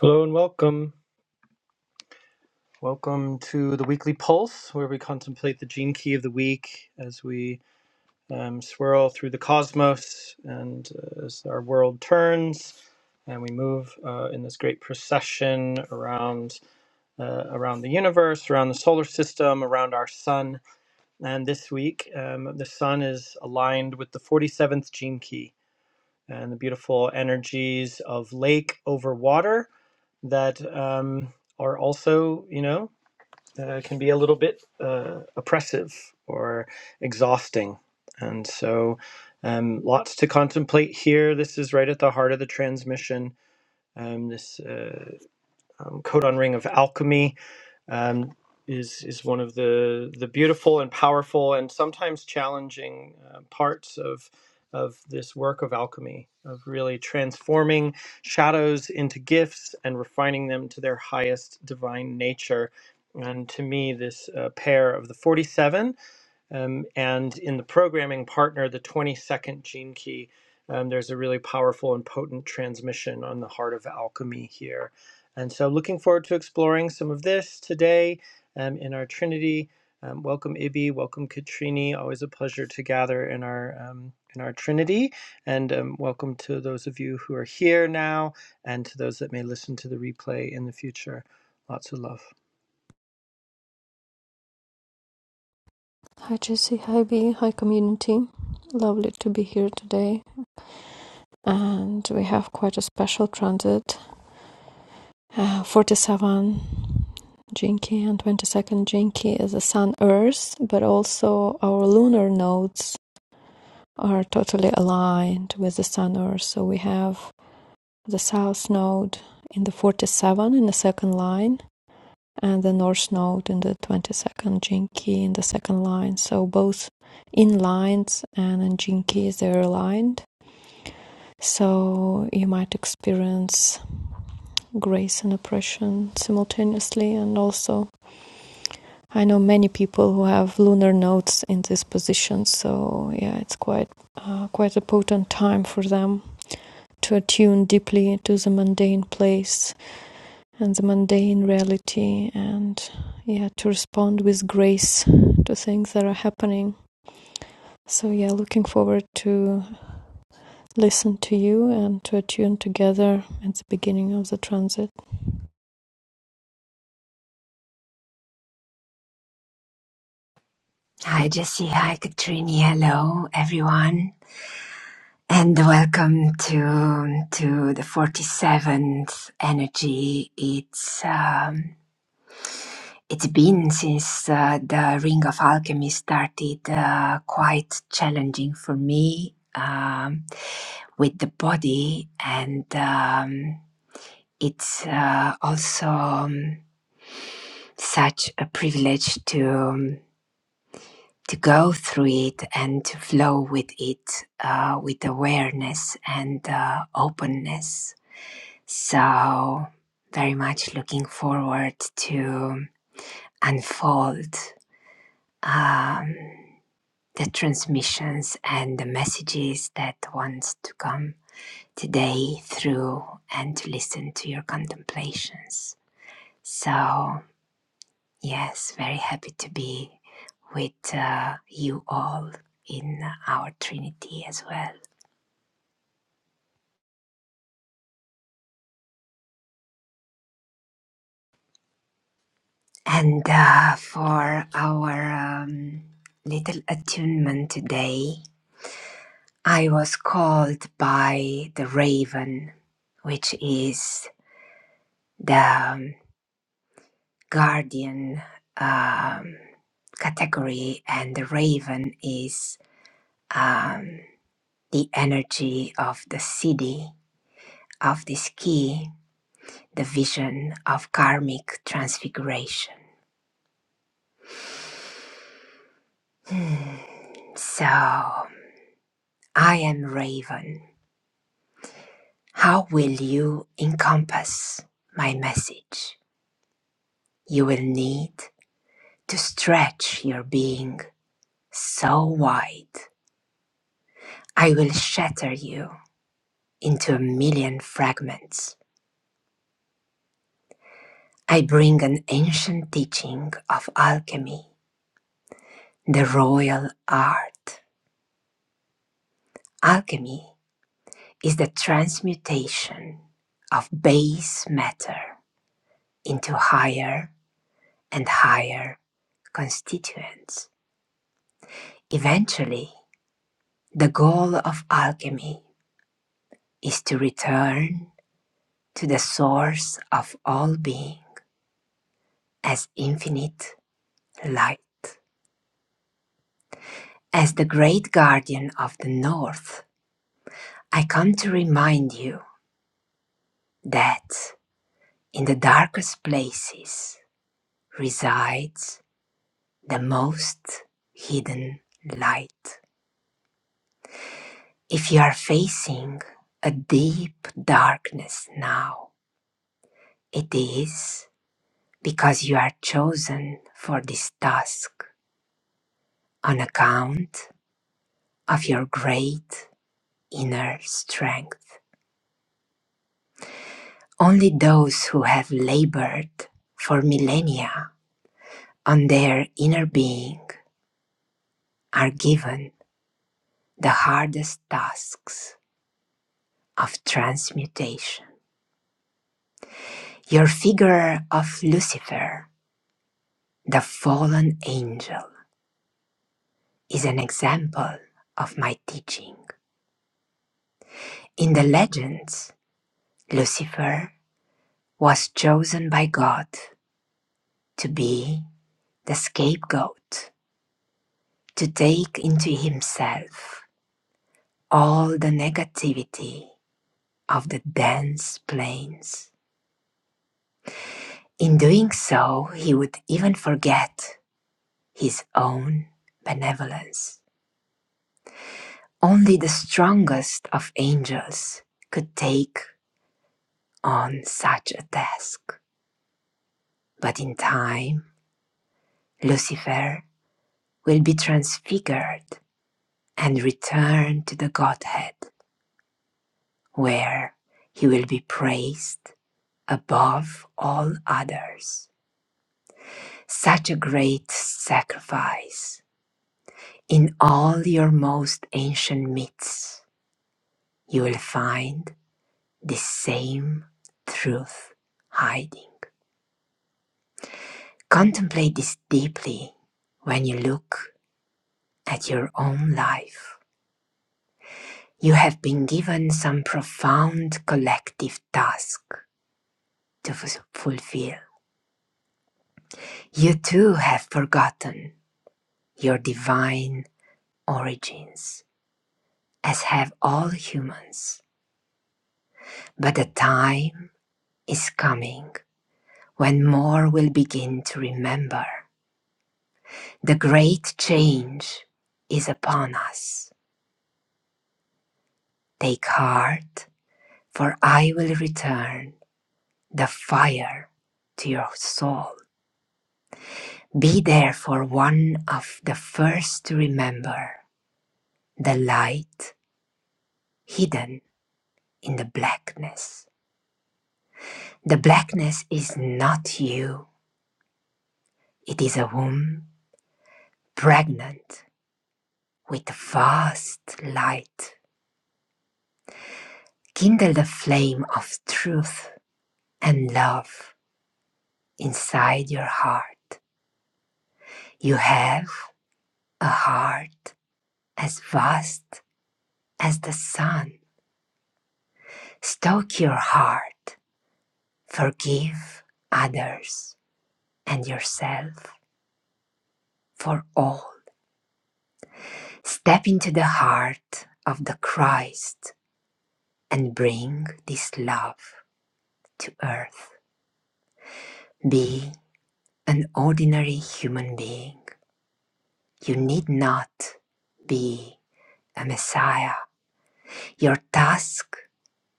Hello and welcome. Welcome to the weekly pulse, where we contemplate the gene key of the week as we um, swirl through the cosmos and uh, as our world turns, and we move uh, in this great procession around uh, around the universe, around the solar system, around our sun. And this week, um, the sun is aligned with the 47th gene key and the beautiful energies of lake over water that um, are also, you know. uh, can be a little bit uh, oppressive or exhausting. And so, um, lots to contemplate here. This is right at the heart of the transmission. Um, this. uh, um, Codon Ring of Alchemy um, is is one of the the beautiful and powerful and sometimes challenging uh, parts of of this work of alchemy of really transforming shadows into gifts and refining them to their highest divine nature. And to me, this uh, pair of the 47 um, and in the programming partner, the 22nd gene key, um, there's a really powerful and potent transmission on the heart of alchemy here. And so, looking forward to exploring some of this today um, in our Trinity. Um, welcome, Ibi. Welcome, Katrini. Always a pleasure to gather in our um, in our Trinity. And um, welcome to those of you who are here now, and to those that may listen to the replay in the future. Lots of love. Hi Jesse, hi B, hi community. Lovely to be here today. And we have quite a special transit. Uh, 47 Jinki and 22nd Jinki is a Sun Earth, but also our lunar nodes are totally aligned with the Sun Earth. So we have the South node in the 47 in the second line, and the north Node in the 22nd, Jinky in the second line. So both in lines and in Jinkies they're aligned. So you might experience grace and oppression simultaneously. And also, I know many people who have lunar nodes in this position. So yeah, it's quite uh, quite a potent time for them to attune deeply to the mundane place and the mundane reality and yeah to respond with grace to things that are happening so yeah looking forward to listen to you and to attune together at the beginning of the transit Hi, Jesse. Hi, Katrine. Hello, everyone. And welcome to, to the 47th Energy. It's, um, it's been since uh, the Ring of Alchemy started uh, quite challenging for me um, with the body. And um, it's uh, also um, such a privilege to. um, to go through it and to flow with it uh, with awareness and uh, openness. So, very much looking forward to unfold um, the transmissions and the messages that wants to come today through and to listen to your contemplations. So, Yes, very happy to be with uh, you all in our Trinity as well. And uh, for our um, little attunement today, I was called by the raven, which is the um, guardian um, category, and the raven is um, the energy of the city of this key the vision of karmic transfiguration. Hmm, So, I am Raven. How will you encompass my message? You will need to stretch your being so wide. I will shatter you into a million fragments. I bring an ancient teaching of alchemy, the royal art. Alchemy is the transmutation of base matter into higher and higher constituents. Eventually, the goal of alchemy is to return to the source of all being as infinite light. As the great guardian of the North, I come to remind you that in the darkest places resides the most hidden light. If you are facing a deep darkness now, it is because you are chosen for this task on account of your great inner strength. Only those who have labored for millennia on their inner being are given the hardest tasks of transmutation. Your figure of Lucifer, the fallen angel, is an example of my teaching. In the legends, Lucifer was chosen by God to be the scapegoat, to take into himself all the negativity of the dense plains. In doing so, he would even forget his own benevolence. Only the strongest of angels could take on such a task. But in time, Lucifer will be transfigured and return to the Godhead, where he will be praised above all others. Such a great sacrifice. In all your most ancient myths, you will find this same truth hiding. Contemplate this deeply when you look at your own life. You have been given some profound collective task to f- fulfill. You too have forgotten your divine origins, as have all humans. But the time is coming when more will begin to remember. The great change is upon us. Take heart, for I will return the fire to your soul. Be therefore one of the first to remember the light hidden in the blackness. The blackness is not you, it is a womb pregnant with vast light. Kindle the flame of truth and love inside your heart. You have a heart as vast as the sun. Stoke your heart, forgive others and yourself for all. Step into the heart of the Christ and bring this love to earth. Be an ordinary human being. You need not be a Messiah. Your task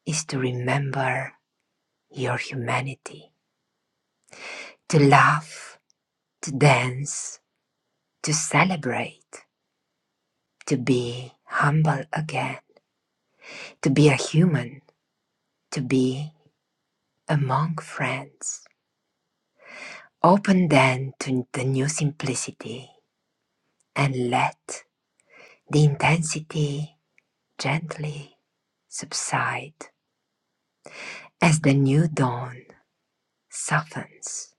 is to remember your humanity, to laugh, to dance, to celebrate, to be humble again, to be a human, to be among friends. Open then to the new simplicity and let the intensity gently subside as the new dawn softens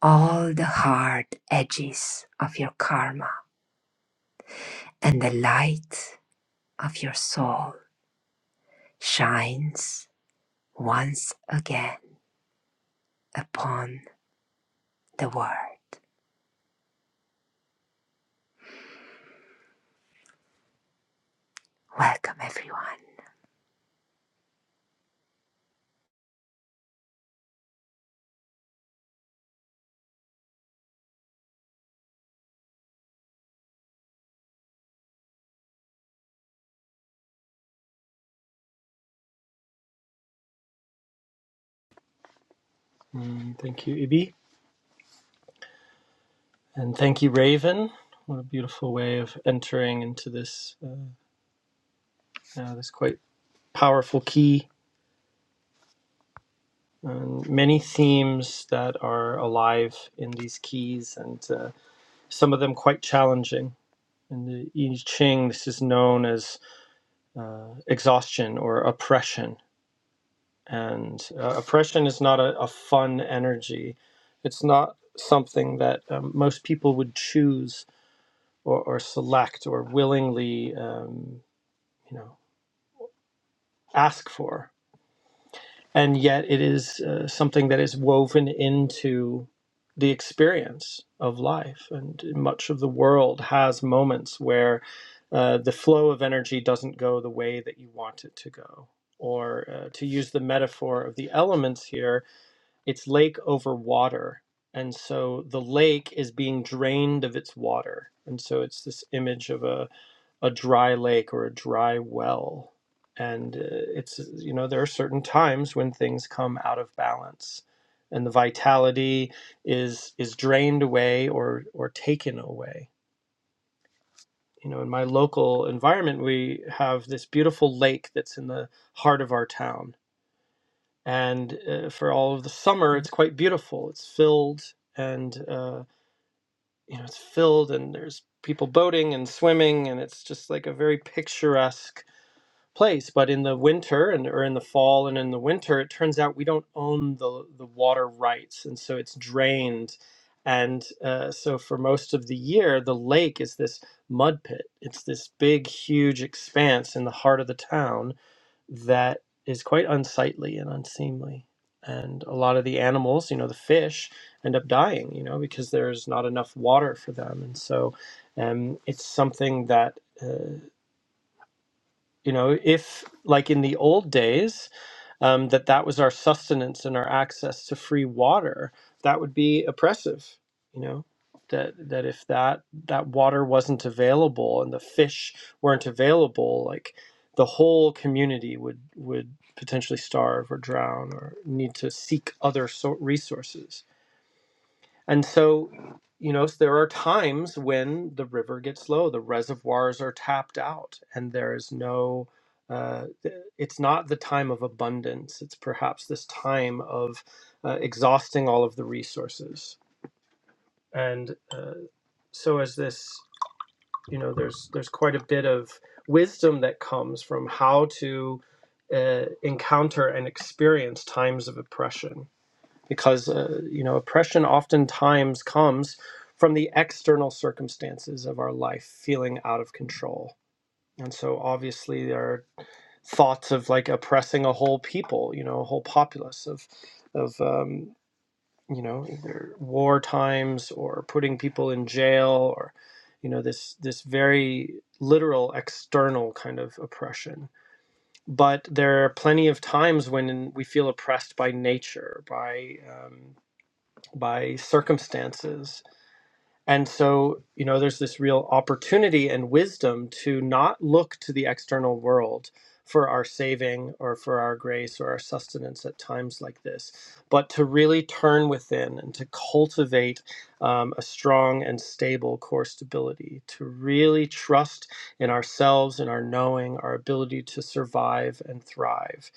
all the hard edges of your karma and the light of your soul shines once again upon the world. Welcome everyone. Mm, thank you, Ibi. And thank you, Raven. What a beautiful way of entering into this uh, uh, this quite powerful key. And many themes that are alive in these keys, and uh, some of them quite challenging. In the I Ching, this is known as uh, exhaustion or oppression. And uh, oppression is not a, a fun energy. It's not something that um, most people would choose or, or select or willingly um, you know ask for. And yet it is uh, something that is woven into the experience of life. And much of the world has moments where uh, the flow of energy doesn't go the way that you want it to go. Or uh, to use the metaphor of the elements here, it's lake over water. And so the lake is being drained of its water. And so it's this image of a, a dry lake or a dry well. And uh, it's, you know, there are certain times when things come out of balance and the vitality is is drained away or or taken away. You know, in my local environment, we have this beautiful lake that's in the heart of our town. And uh, for all of the summer, it's quite beautiful. It's filled and, uh, you know, it's filled and there's people boating and swimming. And it's just like a very picturesque place. But in the winter and or in the fall and in the winter, it turns out we don't own the the water rights, and so it's drained. And uh, so for most of the year, the lake is this mud pit. It's this big, huge expanse in the heart of the town that is quite unsightly and unseemly. And a lot of the animals, you know, the fish, end up dying, you know, because there's not enough water for them. And so um, it's something that uh, you know if like in the old days um, that that was our sustenance and our access to free water that would be oppressive you know that that if that that water wasn't available and the fish weren't available like the whole community would would potentially starve or drown or need to seek other so- resources and so, you know, there are times when the river gets low, the reservoirs are tapped out, and there is no, uh, it's not the time of abundance. It's perhaps this time of uh, exhausting all of the resources. And uh, so, as this, you know, there's there's quite a bit of wisdom that comes from how to uh, encounter and experience times of oppression because uh, you know oppression oftentimes comes from the external circumstances of our life feeling out of control and so obviously there are thoughts of like oppressing a whole people you know a whole populace of of um, you know either war times or putting people in jail or you know this this very literal external kind of oppression but there are plenty of times when we feel oppressed by nature by um, by circumstances and so, you know, there's this real opportunity and wisdom to not look to the external world for our saving or for our grace or our sustenance at times like this, but to really turn within and to cultivate um, a strong and stable core stability, to really trust in ourselves, in our knowing, our ability to survive and thrive.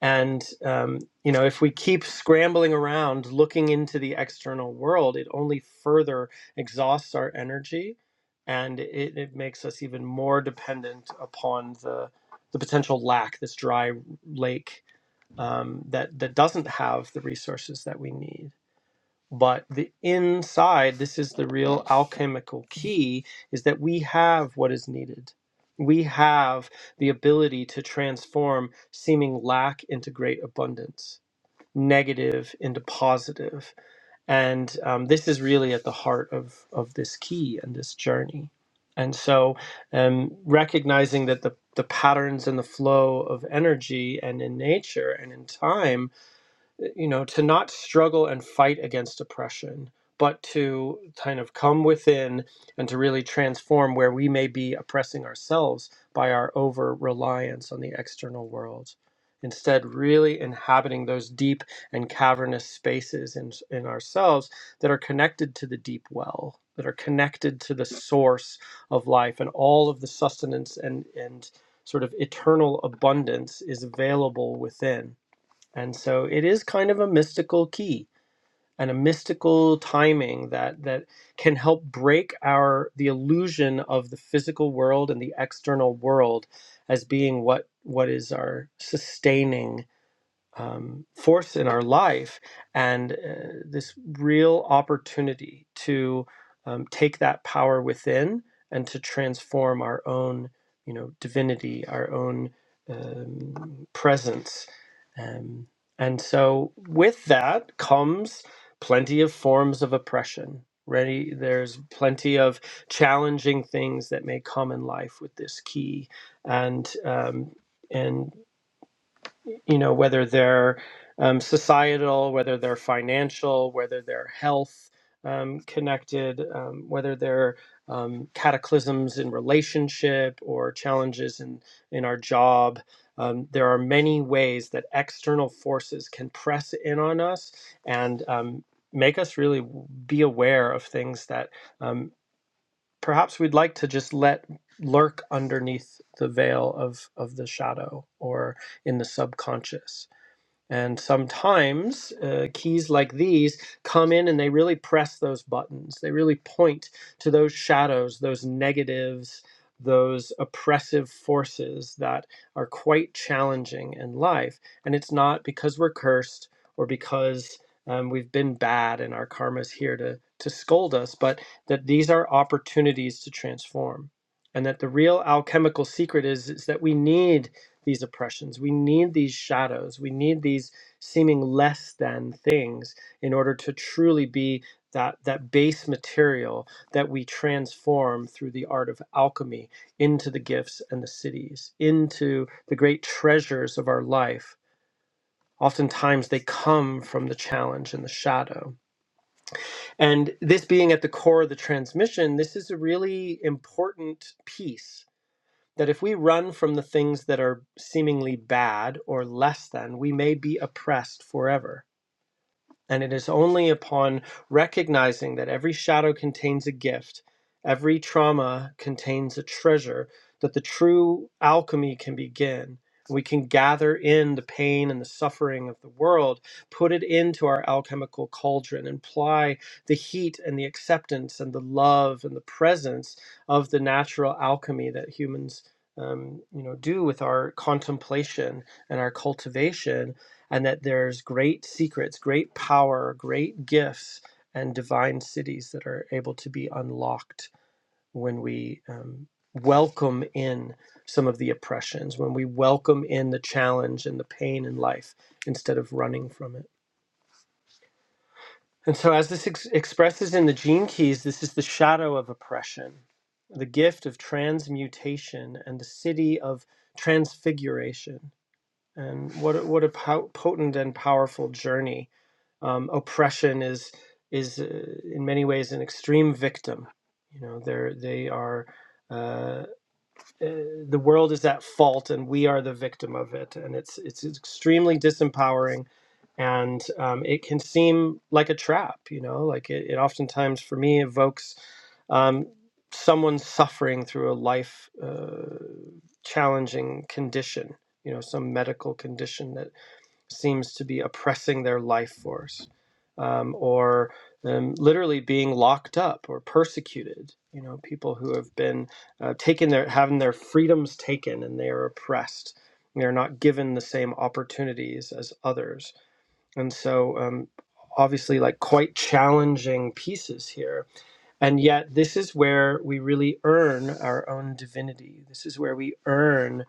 And um, you know, if we keep scrambling around, looking into the external world, it only further exhausts our energy and it, it makes us even more dependent upon the the potential lack this dry lake um, that that doesn't have the resources that we need but the inside this is the real alchemical key is that we have what is needed we have the ability to transform seeming lack into great abundance negative into positive and um, this is really at the heart of, of this key and this journey. And so, um, recognizing that the, the patterns and the flow of energy and in nature and in time you know, to not struggle and fight against oppression, but to kind of come within and to really transform where we may be oppressing ourselves by our over reliance on the external world. Instead, really inhabiting those deep and cavernous spaces in, in ourselves that are connected to the deep well, that are connected to the source of life, and all of the sustenance and, and sort of eternal abundance is available within and so it is kind of a mystical key and a mystical timing that that can help break our the illusion of the physical world and the external world as being what what is our sustaining um, force in our life and uh, this real opportunity to um, take that power within and to transform our own you know divinity our own um, presence um, and so with that comes plenty of forms of oppression ready there's plenty of challenging things that may come in life with this key and um, and you know, whether they're um, societal, whether they're financial, whether they're health um, connected, um, whether they're um, cataclysms in relationship or challenges in, in our job. Um, there are many ways that external forces can press in on us and um, make us really be aware of things that um, perhaps we'd like to just let lurk underneath the veil of, of the shadow or in the subconscious. And sometimes uh, keys like these come in and they really press those buttons. They really point to those shadows, those negatives, those oppressive forces that are quite challenging in life. And it's not because we're cursed or because um, we've been bad and our karma's here to, to scold us, but that these are opportunities to transform. And that the real alchemical secret is, is that we need these oppressions. We need these shadows. We need these seeming less than things in order to truly be that, that base material that we transform through the art of alchemy into the gifts and the cities, into the great treasures of our life. Oftentimes, they come from the challenge and the shadow. And this being at the core of the transmission, this is a really important piece that if we run from the things that are seemingly bad or less than, we may be oppressed forever. And it is only upon recognizing that every shadow contains a gift, every trauma contains a treasure, that the true alchemy can begin. We can gather in the pain and the suffering of the world, put it into our alchemical cauldron, and apply the heat and the acceptance and the love and the presence of the natural alchemy that humans, um, you know, do with our contemplation and our cultivation and that there's great secrets, great power, great gifts, and divine cities that are able to be unlocked when we um, welcome in some of the oppressions, when we welcome in the challenge and the pain in life instead of running from it. And so, as this ex- expresses in the gene keys, this is the shadow of oppression, the gift of transmutation, and the city of transfiguration. And what a, what a po- potent and powerful journey Um, oppression is is uh, in many ways an extreme victim. You know, they're they are. Uh, uh, the world is at fault, and we are the victim of it, and it's it's extremely disempowering and um, it can seem like a trap you know like it, it oftentimes for me evokes um, someone suffering through a life uh, challenging condition you know some medical condition that seems to be oppressing their life force um, or um, literally being locked up or persecuted you know people who have been uh, taken their having their freedoms taken and they are oppressed they're not given the same opportunities as others and so um, obviously like quite challenging pieces here and yet, this is where we really earn our own divinity. This is where we earn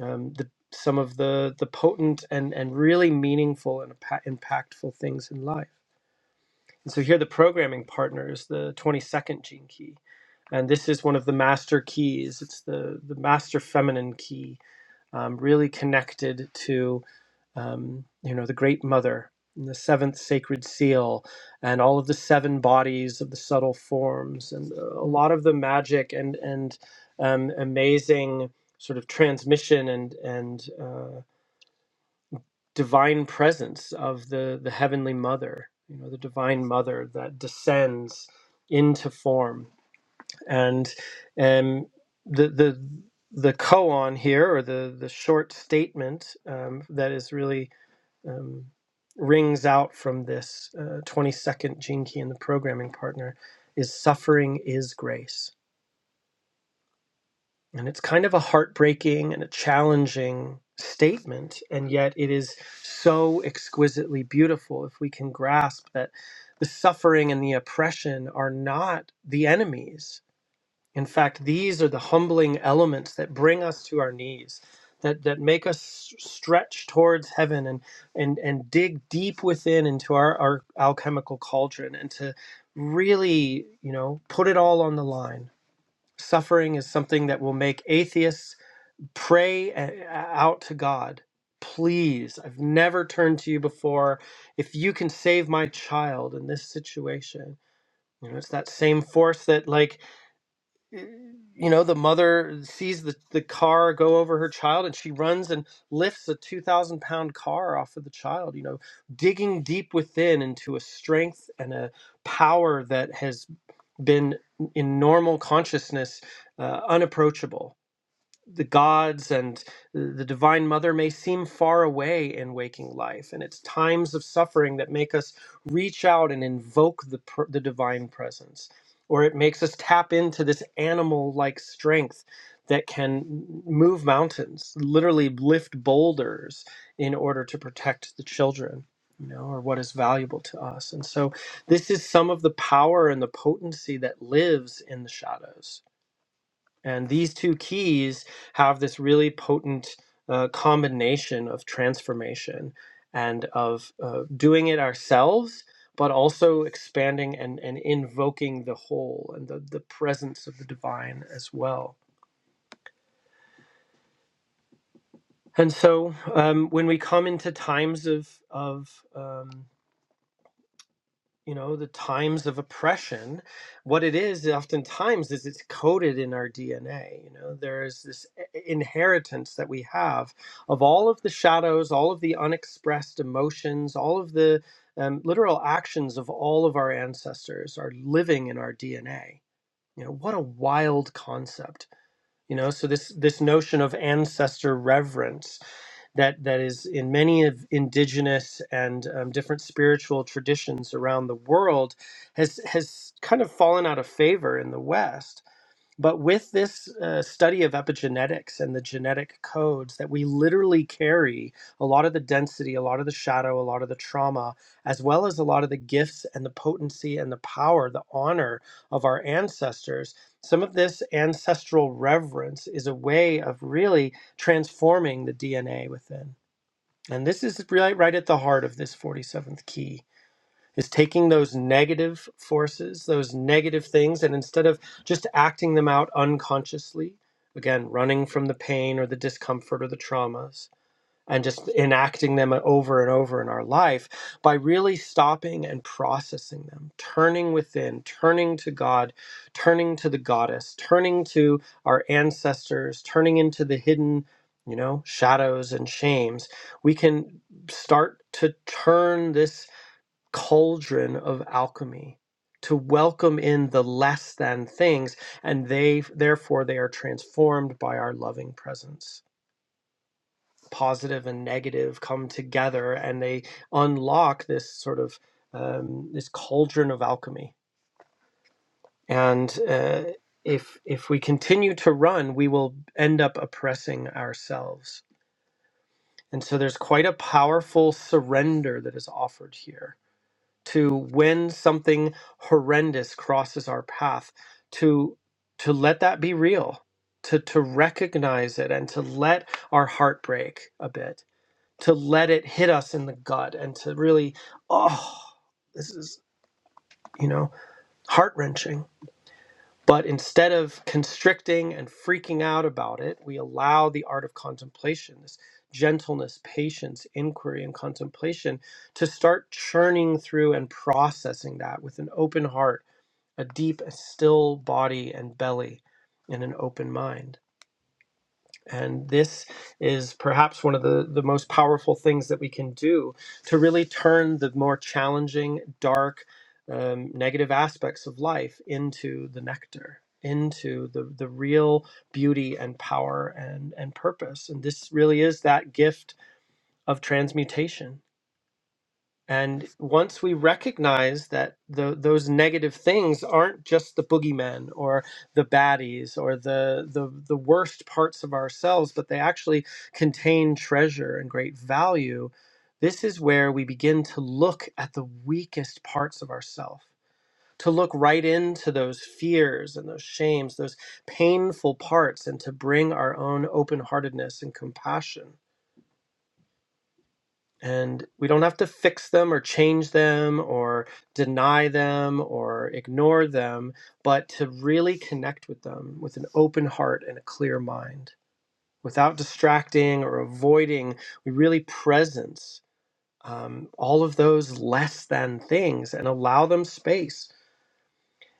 um, the, some of the, the potent and, and really meaningful and impa- impactful things in life. And so, here the programming partner is the 22nd gene key. And this is one of the master keys, it's the, the master feminine key um, really connected to um, you know the Great Mother, and the seventh sacred seal, and all of the seven bodies of the subtle forms, and a lot of the magic and and um, amazing sort of transmission and and uh, divine presence of the the heavenly Mother, you know the divine Mother that descends into form and um, the the the koan here, or the the short statement um, that is really um, rings out from this uh, 22nd Jinki and the programming partner, is suffering is grace, and it's kind of a heartbreaking and a challenging statement, and yet it is so exquisitely beautiful if we can grasp that the suffering and the oppression are not the enemies in fact, these are the humbling elements that bring us to our knees, that, that make us stretch towards heaven and, and, and dig deep within into our, our alchemical cauldron and to really, you know, put it all on the line. Suffering is something that will make atheists pray a- out to God. Please, I've never turned to you before. If you can save my child in this situation, you know, it's that same force that, like, you know the mother sees the, the car go over her child and she runs and lifts a 2000 pound car off of the child you know digging deep within into a strength and a power that has been in normal consciousness uh, unapproachable the gods and the divine mother may seem far away in waking life and it's times of suffering that make us reach out and invoke the pr- the divine presence or it makes us tap into this animal like strength that can move mountains literally lift boulders in order to protect the children you know or what is valuable to us and so this is some of the power and the potency that lives in the shadows and these two keys have this really potent uh, combination of transformation and of uh, doing it ourselves, but also expanding and, and invoking the whole and the, the presence of the divine as well. And so um, when we come into times of, of um, you know the times of oppression what it is oftentimes is it's coded in our dna you know there is this inheritance that we have of all of the shadows all of the unexpressed emotions all of the um, literal actions of all of our ancestors are living in our dna you know what a wild concept you know so this this notion of ancestor reverence that that is in many of indigenous and um, different spiritual traditions around the world has has kind of fallen out of favor in the west but with this uh, study of epigenetics and the genetic codes that we literally carry, a lot of the density, a lot of the shadow, a lot of the trauma, as well as a lot of the gifts and the potency and the power, the honor of our ancestors, some of this ancestral reverence is a way of really transforming the DNA within. And this is right, right at the heart of this 47th key is taking those negative forces, those negative things, and instead of just acting them out unconsciously, again, running from the pain or the discomfort or the traumas, and just enacting them over and over in our life by really stopping and processing them, turning within, turning to God, turning to the goddess, turning to our ancestors, turning into the hidden, you know, shadows and shames, we can start to turn this cauldron of alchemy to welcome in the less than things and they therefore they are transformed by our loving presence positive and negative come together and they unlock this sort of um, this cauldron of alchemy and uh, if if we continue to run we will end up oppressing ourselves and so there's quite a powerful surrender that is offered here to when something horrendous crosses our path to to let that be real to to recognize it and to let our heart break a bit to let it hit us in the gut and to really oh this is you know heart wrenching but instead of constricting and freaking out about it, we allow the art of contemplation, this gentleness, patience, inquiry, and contemplation to start churning through and processing that with an open heart, a deep, still body and belly, and an open mind. And this is perhaps one of the, the most powerful things that we can do to really turn the more challenging, dark, um, negative aspects of life into the nectar, into the, the real beauty and power and, and purpose. And this really is that gift of transmutation and once we recognize that tho- those negative things aren't just the boogeyman or the baddies or the, the the worst parts of ourselves, but they actually contain treasure and great value, this is where we begin to look at the weakest parts of ourselves, to look right into those fears and those shames, those painful parts, and to bring our own open heartedness and compassion and we don't have to fix them or change them or deny them or ignore them, but to really connect with them with an open heart and a clear mind without distracting or avoiding. We really presence um, all of those less than things and allow them space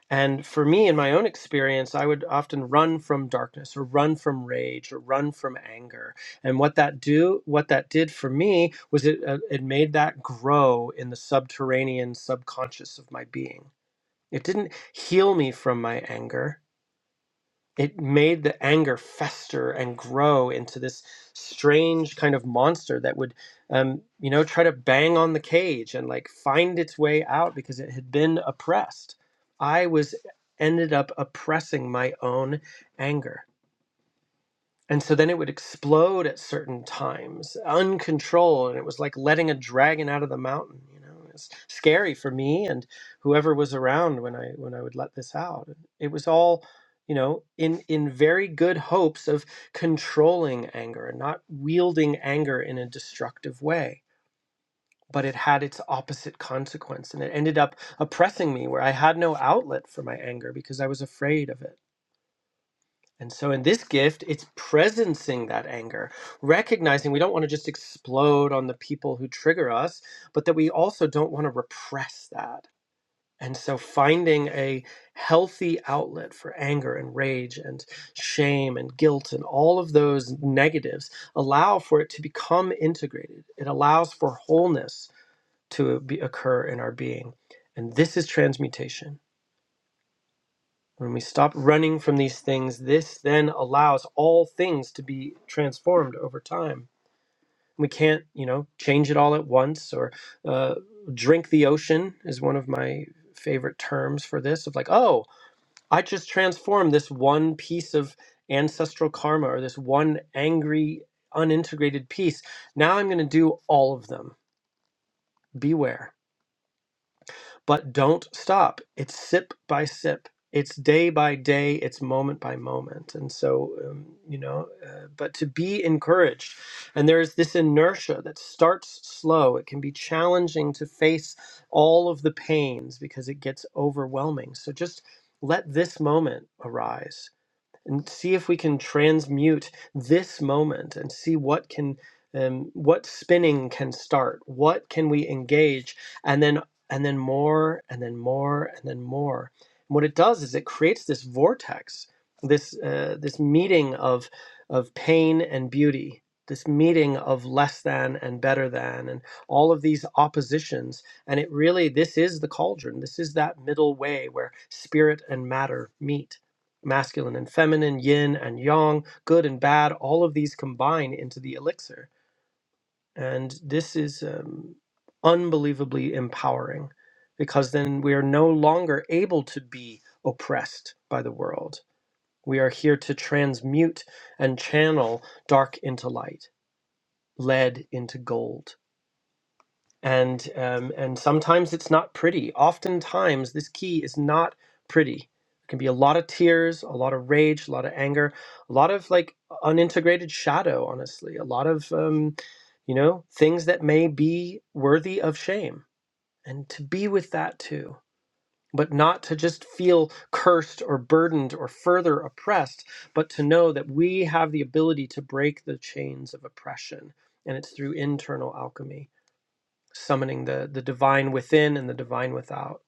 and for me, in my own experience, I would often run from darkness or run from rage or run from anger. And what that do, what that did for me was it uh, it made that grow in the subterranean subconscious of my being. It didn't heal me from my anger it made the anger fester and grow into this strange kind of monster that would um, you know try to bang on the cage and like find its way out because it had been oppressed i was ended up oppressing my own anger and so then it would explode at certain times, uncontrolled, and it was like letting a dragon out of the mountain. You know, it's scary for me and whoever was around when I when I would let this out. It was all, you know, in in very good hopes of controlling anger and not wielding anger in a destructive way. But it had its opposite consequence, and it ended up oppressing me, where I had no outlet for my anger because I was afraid of it. And so in this gift, it's presencing that anger, recognizing we don't want to just explode on the people who trigger us, but that we also don't want to repress that. And so finding a healthy outlet for anger and rage and shame and guilt and all of those negatives allow for it to become integrated. It allows for wholeness to be, occur in our being. And this is transmutation. When we stop running from these things, this then allows all things to be transformed over time. We can't, you know, change it all at once or uh, drink the ocean is one of my favorite terms for this of like, oh, I just transformed this one piece of ancestral karma or this one angry, unintegrated piece. Now I'm going to do all of them. Beware. But don't stop. It's sip by sip. It's day by day. It's moment by moment. And so, um, you know, uh, but to be encouraged. And there's this inertia that starts slow. It can be challenging to face all of the pains because it gets overwhelming. So just let this moment arise and see if we can transmute this moment and see what can um, what spinning can start what can we engage and then and then more and then more and then more and what it does is it creates this vortex this uh, this meeting of of pain and beauty this meeting of less than and better than and all of these oppositions and it really this is the cauldron this is that middle way where spirit and matter meet masculine and feminine, yin and yang, good and bad, all of these combine into the elixir. And this is um, unbelievably empowering because then we are no longer able to be oppressed by the world. We are here to transmute and channel dark into light, lead into gold and um, and sometimes it's not pretty. Oftentimes, this key is not pretty. There can be a lot of tears, a lot of rage, a lot of anger, a lot of like unintegrated shadow. Honestly, a lot of um, you know things that may be worthy of shame, and to be with that too. But not to just feel cursed or burdened or further oppressed, but to know that we have the ability to break the chains of oppression. And it's through internal alchemy summoning the the divine within and the divine without.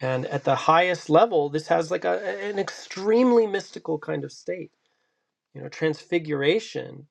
And at the highest level, this has like a, an extremely mystical kind of state. You know, transfiguration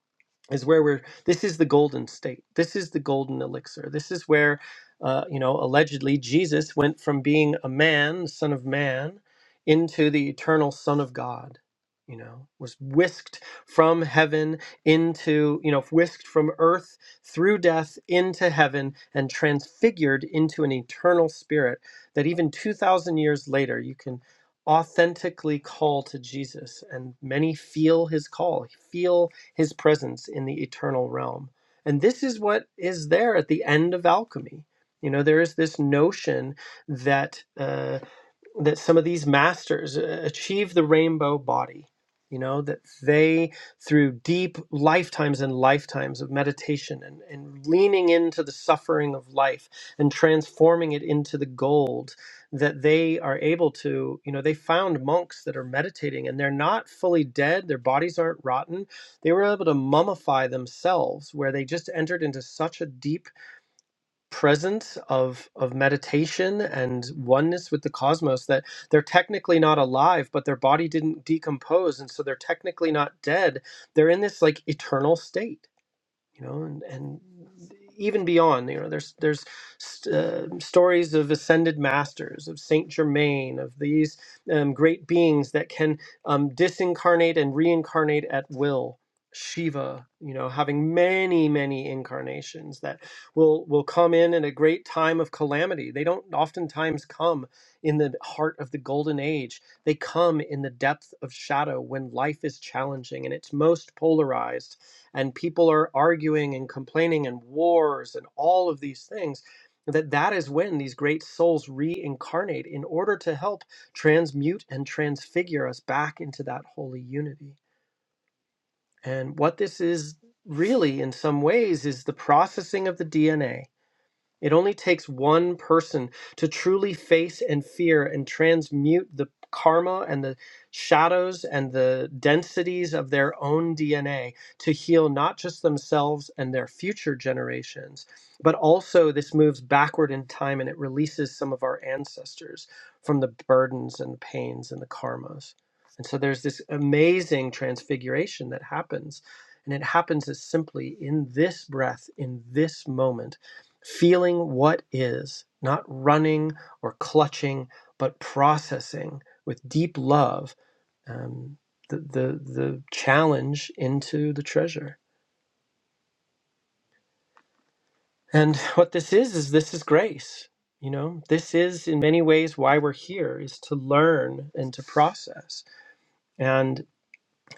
is where we're this is the golden state this is the golden elixir this is where uh, you know allegedly jesus went from being a man son of man into the eternal son of god you know was whisked from heaven into you know whisked from earth through death into heaven and transfigured into an eternal spirit that even 2000 years later you can authentically call to jesus and many feel his call feel his presence in the eternal realm. And this is what is there at the end of alchemy. You know, there is this notion that uh, that some of these masters uh, achieve the rainbow body you know that they through deep lifetimes and lifetimes of meditation and, and leaning into the suffering of life and transforming it into the gold that they are able to you know they found monks that are meditating and they're not fully dead their bodies aren't rotten they were able to mummify themselves where they just entered into such a deep presence of of meditation and oneness with the cosmos that they're technically not alive but their body didn't decompose and so they're technically not dead they're in this like eternal state you know, and, and even beyond, you know, there's there's uh, stories of ascended masters, of Saint Germain, of these um, great beings that can um, disincarnate and reincarnate at will. Shiva, you know, having many many incarnations that will will come in at a great time of calamity. They don't oftentimes come in the heart of the golden age. They come in the depth of shadow when life is challenging and it's most polarized and people are arguing and complaining and wars and all of these things that that is when these great souls reincarnate in order to help transmute and transfigure us back into that holy unity and what this is really in some ways is the processing of the dna it only takes one person to truly face and fear and transmute the karma and the shadows and the densities of their own DNA to heal not just themselves and their future generations, but also this moves backward in time and it releases some of our ancestors from the burdens and pains and the karmas. And so there's this amazing transfiguration that happens. And it happens as simply in this breath, in this moment feeling what is, not running or clutching, but processing with deep love um, the, the, the challenge into the treasure. And what this is, is this is grace. You know, this is in many ways why we're here is to learn and to process. And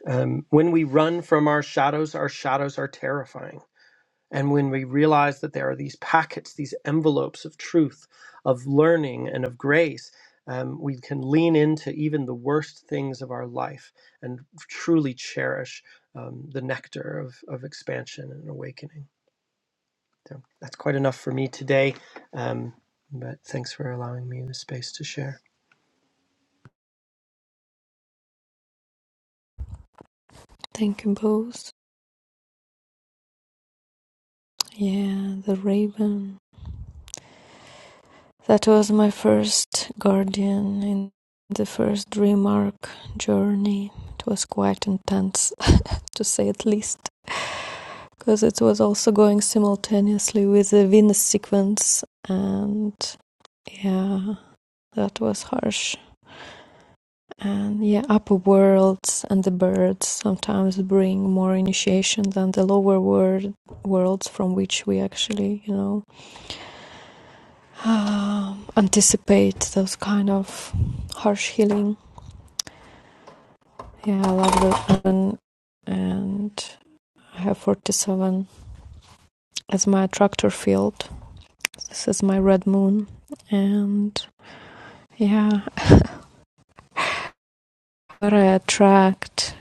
um, when we run from our shadows, our shadows are terrifying And when we realize that there are these packets, these envelopes of truth, of learning, and of grace, um, we can lean into even the worst things of our life and truly cherish um, the nectar of, of expansion and awakening. So that's quite enough for me today. Um, but thanks for allowing me the space to share. thank you both yeah the raven that was my first guardian in the first dream arc journey it was quite intense to say at least because it was also going simultaneously with the Venus sequence, and yeah, that was harsh. And yeah, upper worlds and the birds sometimes bring more initiation than the lower world worlds from which we actually, you know, um, anticipate those kind of harsh healing. Yeah, I love the oven and I have 47 as my attractor field. This is my red moon and Yeah. what I attract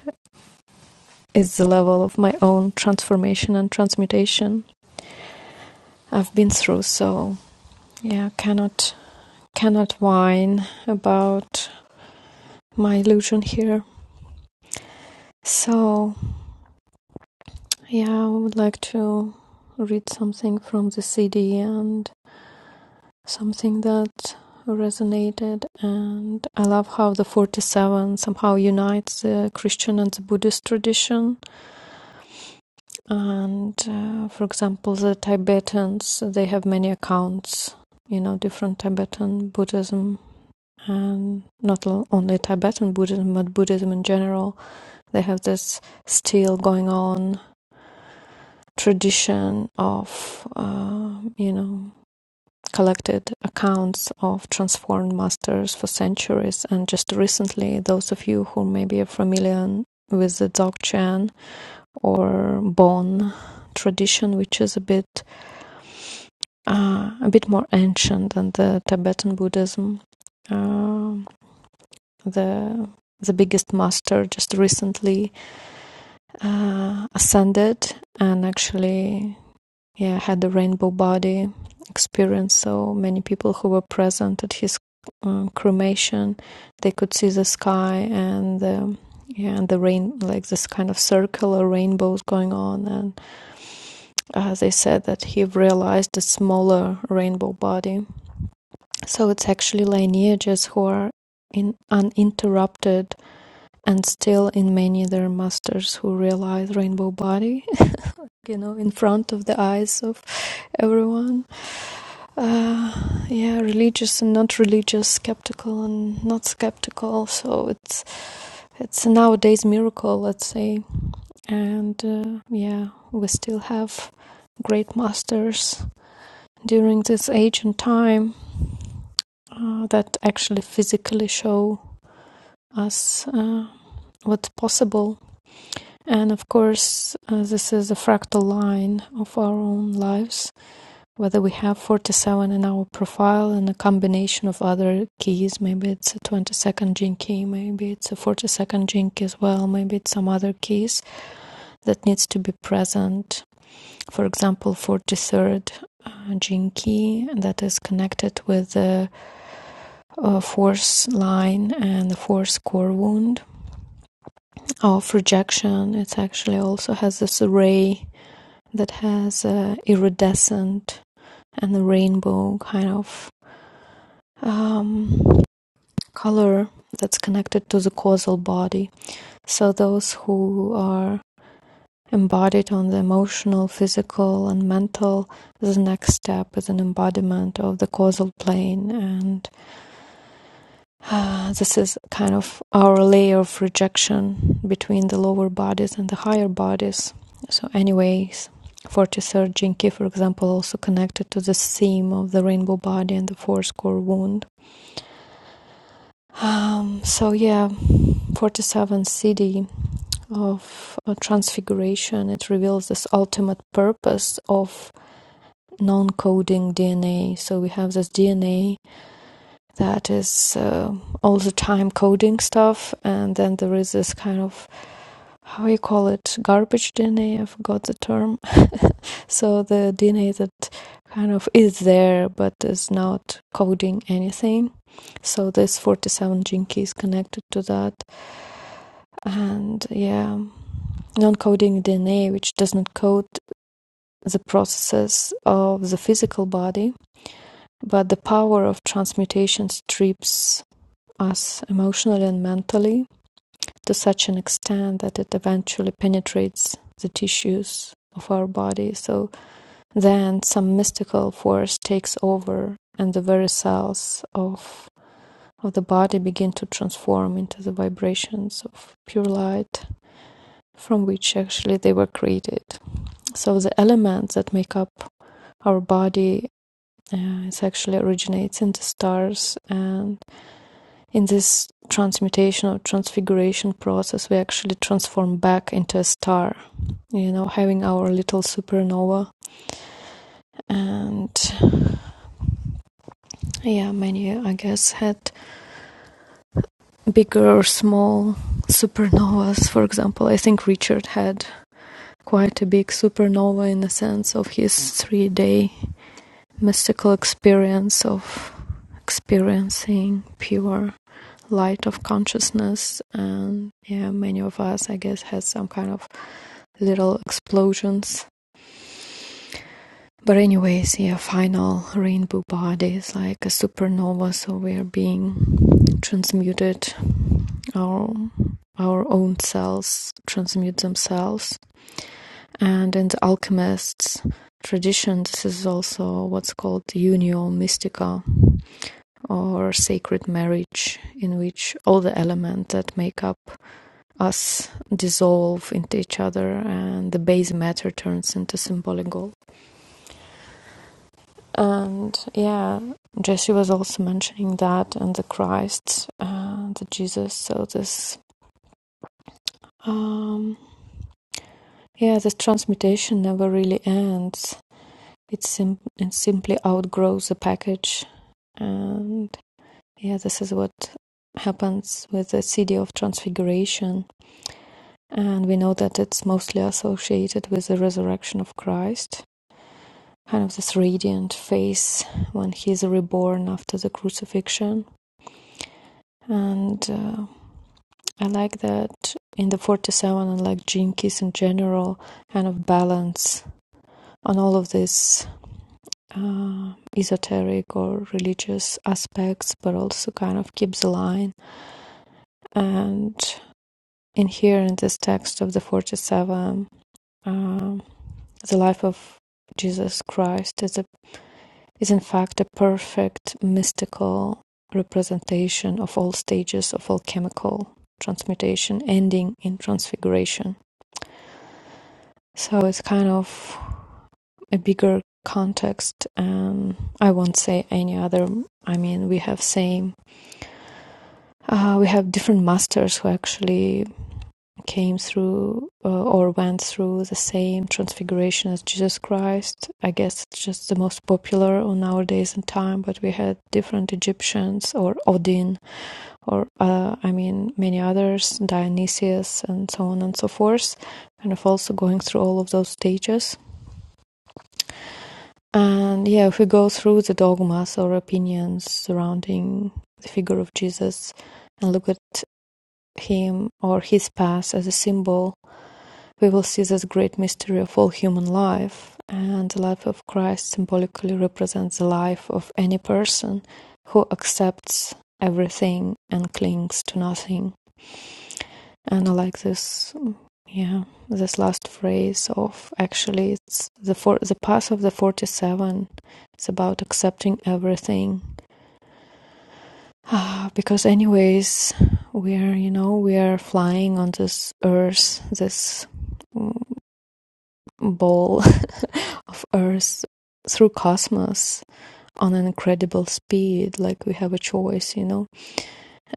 is the level of my own transformation and transmutation I've been through. So yeah, cannot cannot whine about my illusion here. So yeah, I would like to read something from the CD and something that resonated and I love how the 47 somehow unites the Christian and the Buddhist tradition And uh, for example, the Tibetans, they have many accounts, you know, different Tibetan Buddhism and not only Tibetan Buddhism, but Buddhism in general. They have this still going on tradition of, uh, you know, collected accounts of transformed masters for centuries. And just recently, those of you who maybe are familiar with the Dzogchen or Bon tradition, which is a bit uh, a bit more ancient than the Tibetan Buddhism. Uh, the the biggest master just recently uh, ascended and actually yeah had the rainbow body experience. So many people who were present at his um, cremation, they could see the sky and the yeah and the rain like this kind of circular rainbows going on. And uh, they said that he realized a smaller rainbow body So it's actually lineages who are in uninterrupted and still in many there are masters who realize rainbow body you know in front of the eyes of everyone uh, yeah religious and not religious skeptical and not skeptical so it's it's a nowadays miracle let's say and uh, yeah we still have great masters during this age and time uh, that actually physically show us uh, what's possible. And of course, uh, this is a fractal line of our own lives, whether we have 47 in our profile and a combination of other keys. Maybe it's a 22nd gene key, maybe it's a 42nd gene key as well, maybe it's some other keys that needs to be present. For example, 43rd uh, gene key that is connected with the uh, force line and the force core wound of rejection. It actually also has this array that has uh, iridescent and a rainbow kind of um, color that's connected to the causal body. So those who are embodied on the emotional, physical, and mental, the next step is an embodiment of the causal plane and Uh, this is kind of our layer of rejection between the lower bodies and the higher bodies. So, anyways, 43rd Jinki, for example, also connected to the theme of the rainbow body and the force core wound. Um, so, yeah, 47th CD of uh, Transfiguration, it reveals this ultimate purpose of non coding DNA. So, we have this DNA that is uh, all the time coding stuff, and then there is this kind of how you call it garbage dna i forgot the term so the dna that kind of is there but is not coding anything so this 47 gene key is connected to that and yeah non-coding dna which does not code the processes of the physical body but the power of transmutation strips us emotionally and mentally to such an extent that it eventually penetrates the tissues of our body so Then some mystical force takes over and the very cells of of the body begin to transform into the vibrations of pure light from which actually they were created. So the elements that make up our body uh, it actually originates in the stars and in this transmutation or transfiguration process we actually transform back into a star you know having our little supernova and Yeah, many, I guess, had bigger, small supernovas. For example, I think Richard had quite a big supernova in the sense of his three day mystical experience of experiencing pure light of consciousness and yeah many of us i guess had some kind of little explosions but anyways yeah final rainbow body is like a supernova so we're being transmuted our our own cells transmute themselves. And in the alchemists' tradition, this is also what's called unio mystica or sacred marriage, in which all the elements that make up us dissolve into each other and the base matter turns into symbolic gold. And yeah, Jesse was also mentioning that and the Christ, uh, the Jesus. So this um, Yeah, the transmutation never really ends. It, sim- it simply outgrows the package. And yeah, this is what happens with the CD of Transfiguration. And we know that it's mostly associated with the resurrection of Christ, kind of this radiant face when he's reborn after the crucifixion. And uh, I like that in the 47 and like Jinkies in general, kind of balance on all of this uh, esoteric or religious aspects, but also kind of keeps the line. And in here, in this text of the 47, um the life of Jesus Christ is, a, is in fact a perfect mystical representation of all stages of alchemical transmutation, ending in transfiguration. So it's kind of a bigger context, and I won't say any other. I mean, we have same Uh, we have different masters who actually came through uh, or went through the same transfiguration as Jesus Christ. I guess it's just the most popular on our days and time, but we had different Egyptians or Odin or, uh, I mean, many others, Dionysius and so on and so forth, kind of also going through all of those stages. And yeah, if we go through the dogmas or opinions surrounding the figure of Jesus, and look at him or his past as a symbol, we will see this great mystery of all human life. And the life of Christ symbolically represents the life of any person who accepts everything and clings to nothing. And I like this, yeah, this last phrase of actually it's the for, the path of the 47. It's about accepting everything Ah, because anyways we're you know we are flying on this earth this mm, ball of earth through cosmos on an incredible speed like we have a choice you know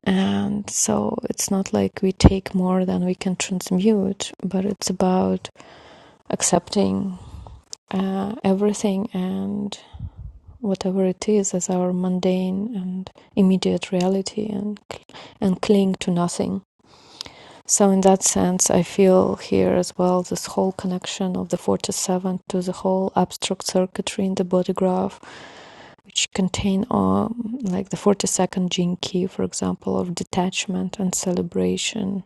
and so it's not like we take more than we can transmute but it's about accepting uh, everything and whatever it is as our mundane and immediate reality and and cling to nothing So, in that sense, I feel here as well this whole connection of the 47 to the whole abstract circuitry in the body graph, which contain um, like the 42nd gene key, for example, of detachment and celebration,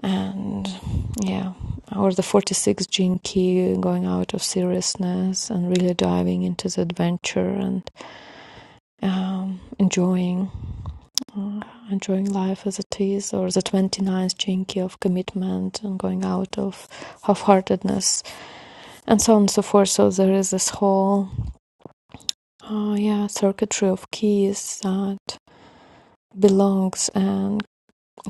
and yeah, or the 46th gene key going out of seriousness and really diving into the adventure and um, enjoying uh, enjoying life as it is, or the twenty-ninth jinky of commitment and going out of half heartedness, and so on and so forth. So there is this whole uh, yeah, circuitry of keys that belongs and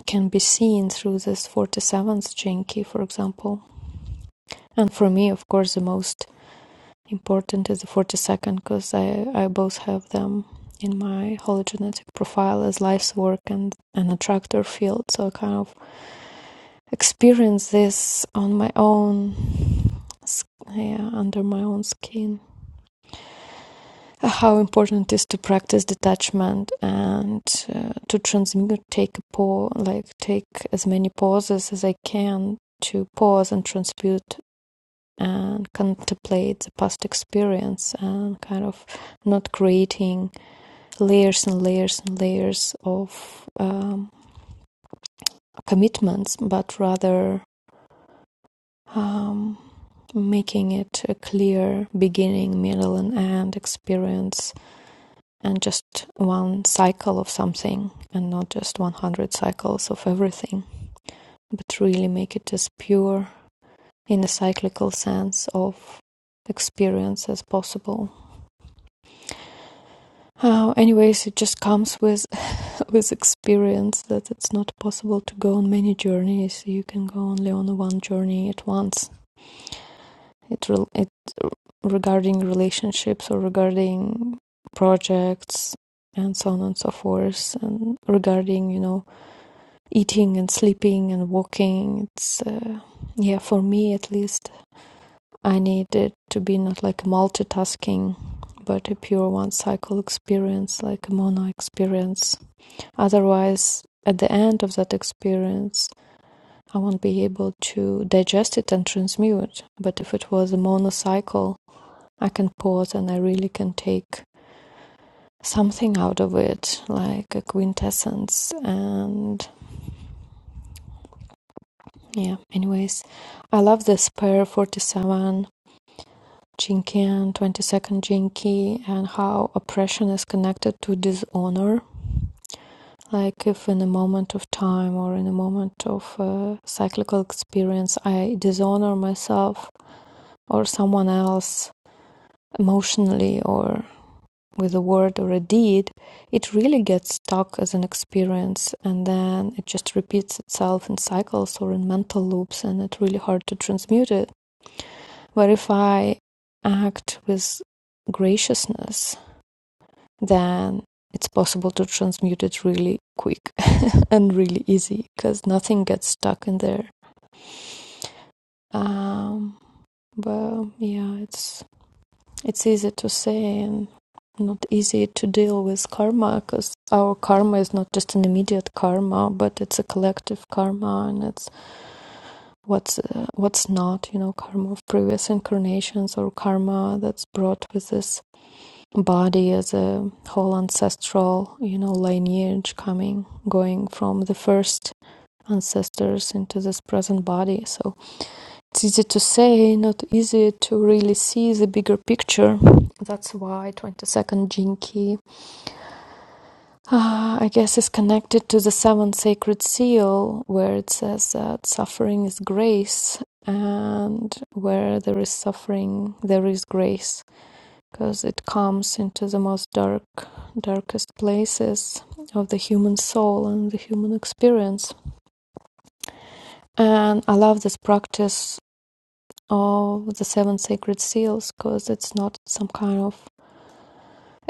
can be seen through this 47th jinky, for example. And for me, of course, the most important is the 42nd because I, I both have them in my hologenetic profile as life's work and an attractor field. So kind of experience this on my own yeah, under my own skin how important it is to practice detachment and uh, to transmute take a pause like take as many pauses as i can to pause and transmute and contemplate the past experience and kind of not creating layers and layers and layers of um, commitments but rather um, making it a clear beginning, middle, and end experience, and just one cycle of something, and not just 100 cycles of everything, but really make it as pure in a cyclical sense of experience as possible. Uh, anyways, it just comes with with experience that it's not possible to go on many journeys. You can go only on one journey at once. It re- regarding relationships or regarding projects and so on and so forth and regarding you know eating and sleeping and walking it's uh, yeah for me at least i need it to be not like multitasking but a pure one cycle experience like a mono experience otherwise at the end of that experience i won't be able to digest it and transmute but if it was a monocycle I can pause and I really can take something out of it, like a quintessence. And yeah, anyways, I love this pair 47 Jinki and 22nd Jinki and how oppression is connected to dishonor. Like, if in a moment of time or in a moment of uh, cyclical experience, I dishonor myself or someone else emotionally, or with a word or a deed, it really gets stuck as an experience and then it just repeats itself in cycles or in mental loops and it's really hard to transmute it. But if I act with graciousness, then it's possible to transmute it really quick and really easy because nothing gets stuck in there. Um, but yeah, it's it's easy to say and not easy to deal with karma because our karma is not just an immediate karma but it's a collective karma and it's what's uh, what's not you know karma of previous incarnations or karma that's brought with this body as a whole ancestral you know lineage coming going from the first ancestors into this present body so it's easy to say, not easy to really see the bigger picture. That's why 22nd Jinki, uh, I guess, is connected to the seventh sacred seal, where it says that suffering is grace, and where there is suffering, there is grace, because it comes into the most dark, darkest places of the human soul and the human experience. And I love this practice of the seven sacred seals because it's not some kind of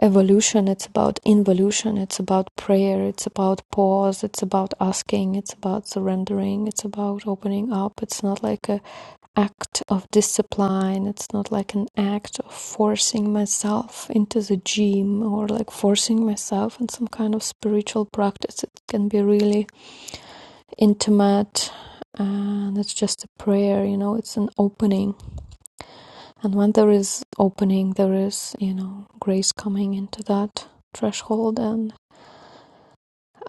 evolution it's about involution it's about prayer it's about pause it's about asking it's about surrendering it's about opening up it's not like an act of discipline it's not like an act of forcing myself into the gym or like forcing myself in some kind of spiritual practice it can be really intimate and it's just a prayer you know it's an opening And when there is opening, there is, you know, grace coming into that threshold. And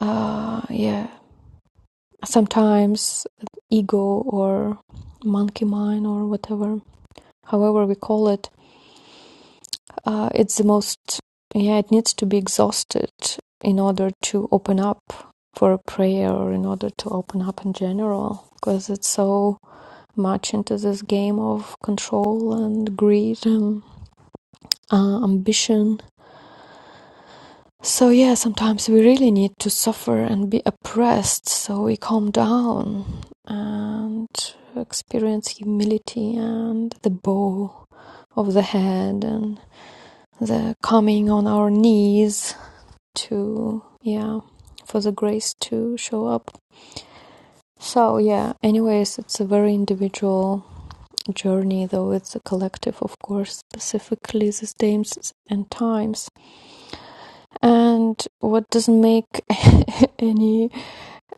uh, yeah, sometimes ego or monkey mind or whatever, however we call it, uh, it's the most, yeah, it needs to be exhausted in order to open up for a prayer or in order to open up in general because it's so much into this game of control and greed and uh, ambition So, yeah, sometimes we really need to suffer and be oppressed so we calm down and experience humility and the bow of the head and the coming on our knees to, yeah, for the grace to show up. So, yeah, anyways, it's a very individual journey, though it's a collective, of course, specifically these days and times. And what doesn't make any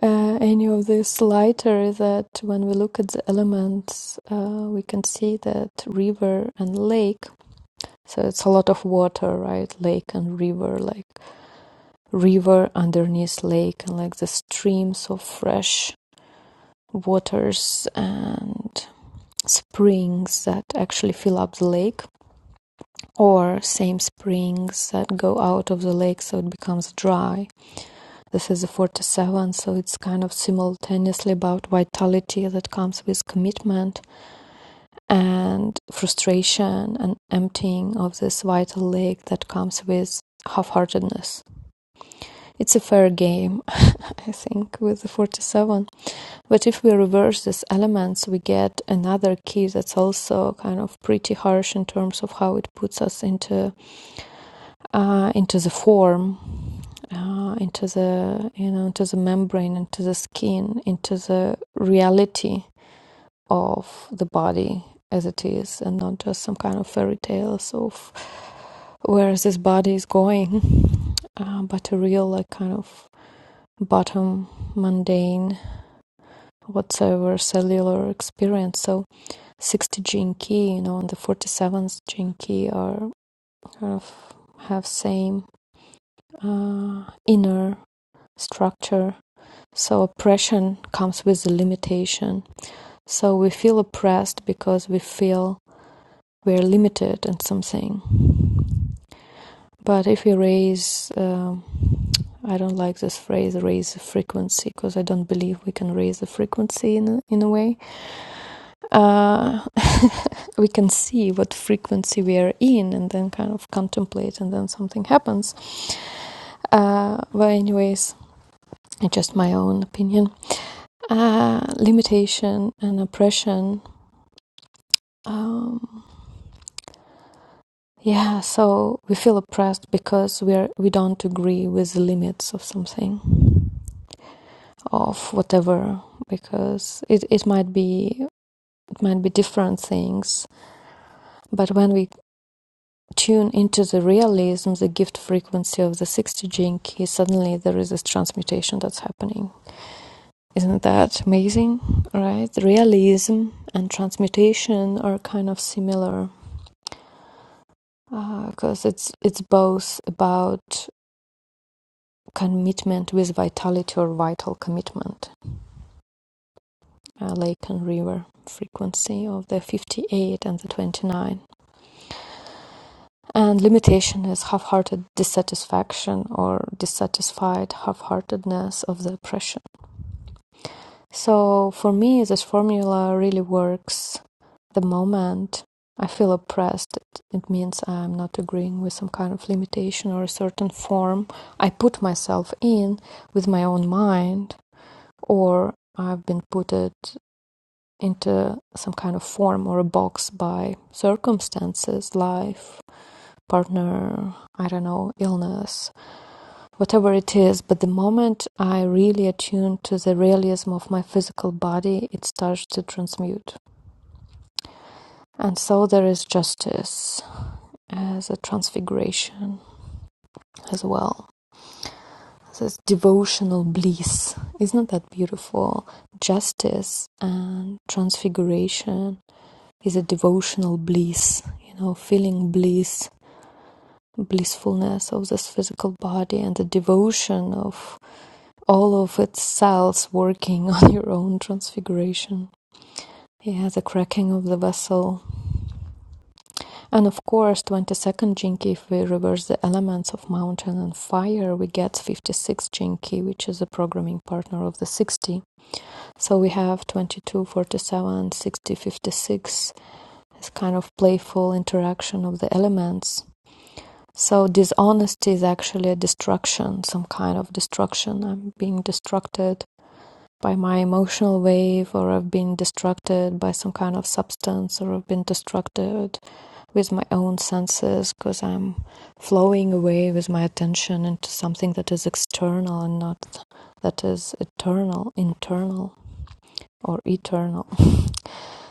uh, any of this lighter that when we look at the elements, uh, we can see that river and lake. So it's a lot of water, right? Lake and river, like river underneath lake, and like the streams of fresh waters and springs that actually fill up the lake, or same springs that go out of the lake so it becomes dry. This is a forty-seven, so it's kind of simultaneously about vitality that comes with commitment and frustration and emptying of this vital lake that comes with half-heartedness. It's a fair game, I think, with the 47. But if we reverse these elements, we get another key that's also kind of pretty harsh in terms of how it puts us into uh, into the form uh, into the you know into the membrane into the skin into the reality of the body as it is and not just some kind of fairy tales of where this body is going uh, but a real like kind of bottom mundane whatsoever cellular experience so 60 gene key you know and the 47th gene key are kind of have same uh, inner structure So oppression comes with a limitation. So we feel oppressed because we feel we're limited in something. But if we raise, um, I don't like this phrase, raise the frequency, because I don't believe we can raise the frequency in a, in a way. Uh, we can see what frequency we are in and then kind of contemplate, and then something happens. Uh, but, anyways, just my own opinion. Uh, limitation and oppression. Um, Yeah, so we feel oppressed because we are we don't agree with the limits of something, of whatever, because it, it might be it might be different things. But when we tune into the realism, the gift frequency of the 60 gene key, suddenly there is this transmutation that's happening. Isn't that amazing? Right? Realism and transmutation are kind of similar because uh, it's it's both about commitment with vitality or vital commitment. Uh, lake and river frequency of the 58 and the 29. And limitation is half hearted dissatisfaction or dissatisfied half heartedness of the oppression. So for me, this formula really works the moment I feel oppressed, it, it means I'm not agreeing with some kind of limitation or a certain form I put myself in with my own mind. or I've been put it into some kind of form or a box by circumstances, life, partner, I don't know, illness, whatever it is. But the moment I really attune to the realism of my physical body, it starts to transmute. And so there is justice as a transfiguration as well. This devotional bliss. Isn't that beautiful? Justice and transfiguration is a devotional bliss, you know, feeling bliss, blissfulness of this physical body and the devotion of all of its cells working on your own transfiguration. Yeah, the cracking of the vessel. And of course, 22nd Jinki, if we reverse the elements of mountain and fire, we get 56 Jinki, which is a programming partner of the 60. So we have 22, 47, 60, 56. this kind of playful interaction of the elements So dishonesty is actually a destruction, some kind of destruction. I'm being destructed by my emotional wave, or I've been destructed by some kind of substance, or I've been destructed with my own senses because I'm flowing away with my attention into something that is external and not that is eternal, internal, or eternal.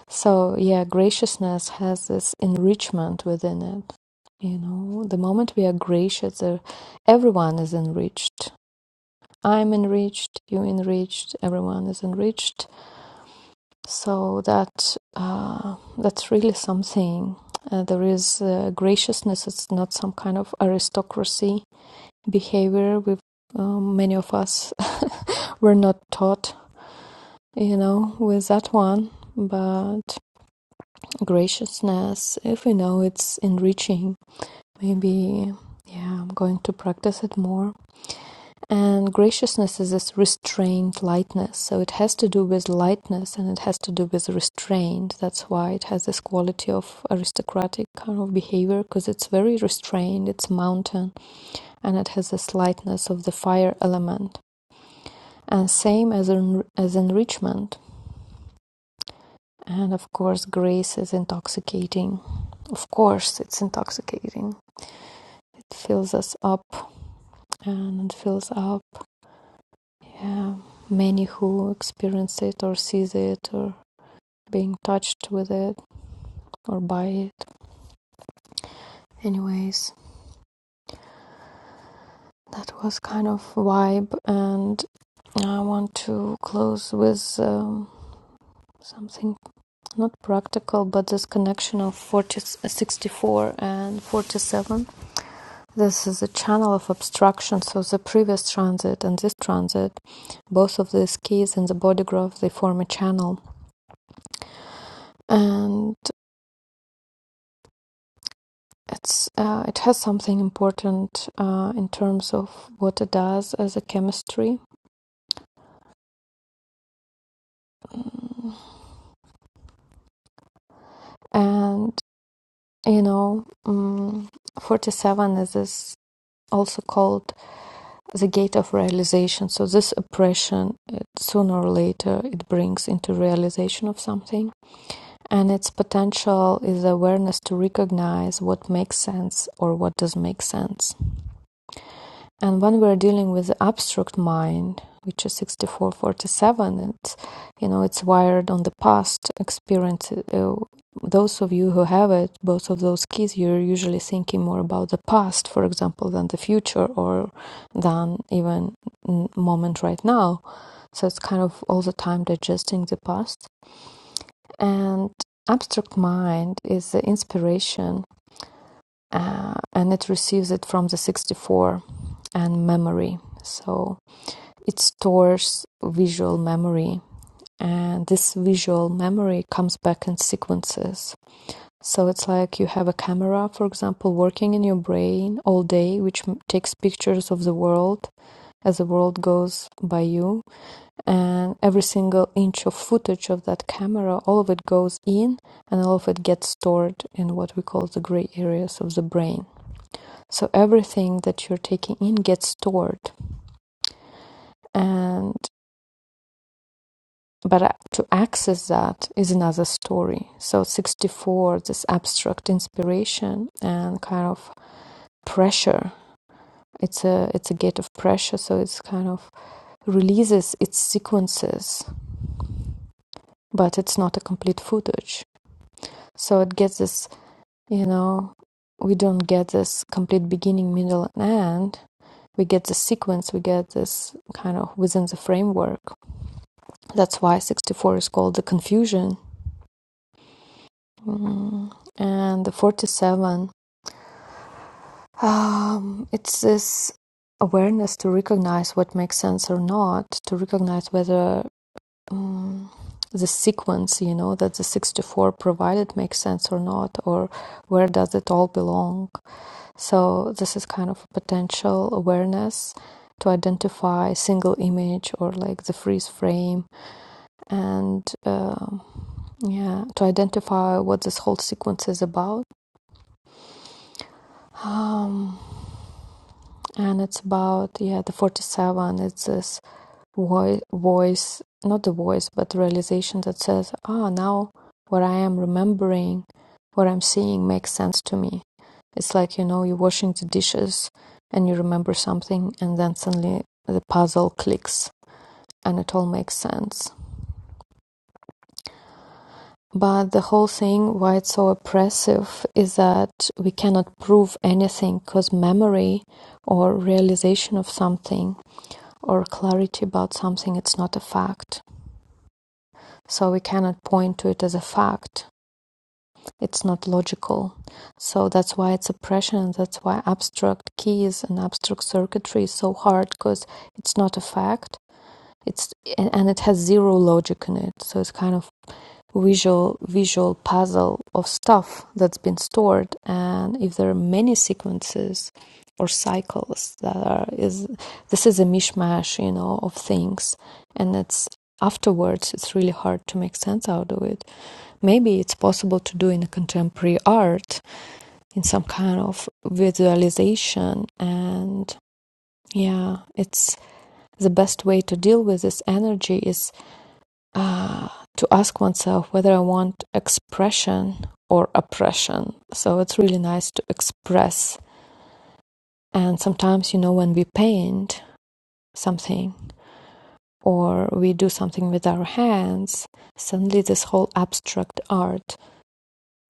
So, yeah, graciousness has this enrichment within it. You know, the moment we are gracious, uh, everyone is enriched. I'm enriched, you enriched, everyone is enriched. So that uh, that's really something. Uh, there is uh, graciousness. It's not some kind of aristocracy behavior. We've um, many of us were not taught, you know, with that one. But graciousness, if we know it's enriching, maybe yeah, I'm going to practice it more And graciousness is this restrained lightness. So it has to do with lightness and it has to do with restraint. That's why it has this quality of aristocratic kind of behavior because it's very restrained, it's mountain, and it has this lightness of the fire element. And same as, en- as enrichment. And of course, grace is intoxicating. Of course, it's intoxicating. It fills us up and it fills up yeah, many who experience it or sees it or being touched with it or by it. Anyways, that was kind of vibe, and I want to close with um, something not practical, but this connection of 40, sixty-four and 47. This is a channel of obstruction, so the previous transit and this transit, both of these keys in the body graph, they form a channel. And it's uh, it has something important uh, in terms of what it does as a chemistry and you know um, 47 is this also called the gate of realization so this oppression it, sooner or later it brings into realization of something and its potential is awareness to recognize what makes sense or what does make sense And when we're dealing with the abstract mind, which is 6447, it's, you know, it's wired on the past experience. Uh, those of you who have it, both of those keys, you're usually thinking more about the past, for example, than the future or than even moment right now. So it's kind of all the time digesting the past. And abstract mind is the inspiration uh, and it receives it from the 64 and memory. So it stores visual memory and this visual memory comes back in sequences. So it's like you have a camera, for example, working in your brain all day, which takes pictures of the world as the world goes by you. And every single inch of footage of that camera, all of it goes in and all of it gets stored in what we call the gray areas of the brain. So everything that you're taking in gets stored. And But uh, to access that is another story. So 64, this abstract inspiration and kind of pressure. It's a it's a gate of pressure, so it's kind of releases its sequences, but it's not a complete footage. So it gets this, you know, we don't get this complete beginning, middle, and end. We get the sequence, we get this kind of within the framework. That's why 64 is called the confusion Mm, and the 47 um, it's this awareness to recognize what makes sense or not to recognize whether um, the sequence you know that the 64 provided makes sense or not or where does it all belong so this is kind of potential awareness to identify single image or like the freeze frame and um yeah to identify what this whole sequence is about um, and it's about yeah the 47 it's this voice voice not the voice but the realization that says ah now what i am remembering what i'm seeing makes sense to me it's like you know you're washing the dishes and you remember something and then suddenly the puzzle clicks and it all makes sense but the whole thing why it's so oppressive is that we cannot prove anything because memory or realization of something or clarity about something, it's not a fact. So we cannot point to it as a fact. It's not logical. So that's why it's oppression, and that's why abstract keys and abstract circuitry is so hard because it's not a fact. It's and it has zero logic in it. So it's kind of visual visual puzzle of stuff that's been stored and if there are many sequences or cycles that are is this is a mishmash you know of things and it's afterwards it's really hard to make sense out of it maybe it's possible to do in a contemporary art in some kind of visualization and yeah it's the best way to deal with this energy is uh, to ask oneself whether I want expression or oppression. So it's really nice to express. And sometimes, you know, when we paint something or we do something with our hands, suddenly this whole abstract art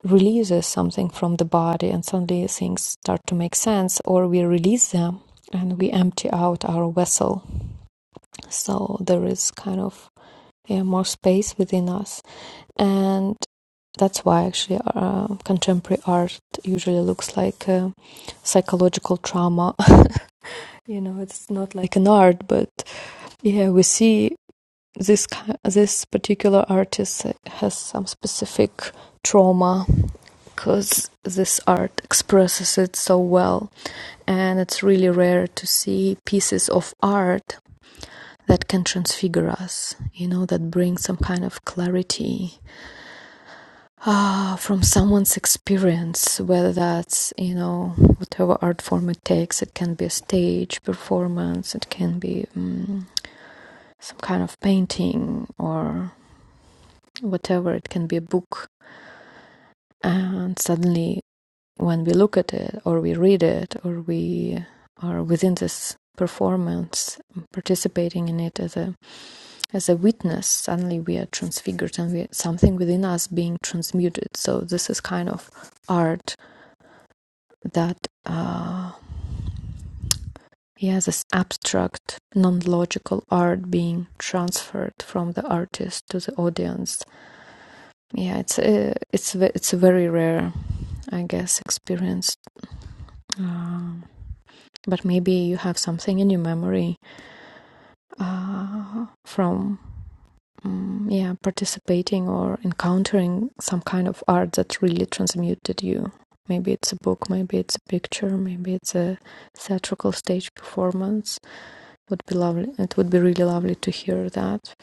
releases something from the body and suddenly things start to make sense or we release them and we empty out our vessel. So there is kind of yeah, more space within us. And That's why actually uh, contemporary art usually looks like uh, psychological trauma. you know, it's not like an art, but yeah, we see this this particular artist has some specific trauma because this art expresses it so well, and it's really rare to see pieces of art that can transfigure us. You know, that bring some kind of clarity uh, from someone's experience, whether that's, you know, whatever art form it takes. It can be a stage performance, it can be um, some kind of painting or whatever, it can be a book. And suddenly, when we look at it or we read it or we are within this performance participating in it as a as a witness suddenly we are transfigured and we something within us being transmuted so this is kind of art that uh, he has this abstract, non logical art being transferred from the artist to the audience. Yeah, it's a, it's it's a very rare, I guess, experience. Um but maybe you have something in your memory uh, from mm yeah participating or encountering some kind of art that really transmuted you. Maybe it's a book, maybe it's a picture, maybe it's a theatrical stage performance would be lovely. It would be really lovely to hear that.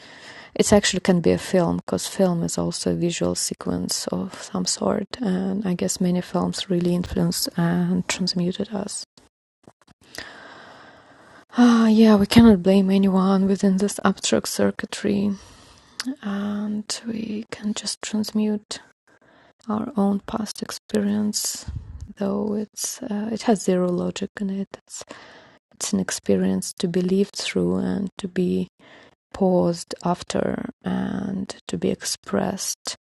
It actually can be a film because film is also a visual sequence of some sort, and I guess many films really influenced and transmuted us. Ah, yeah, we cannot blame anyone within this abstract circuitry, and we can just transmute our own past experience. Though it's uh, it has zero logic in it. It's, it's an experience to be lived through and to be paused after and to be expressed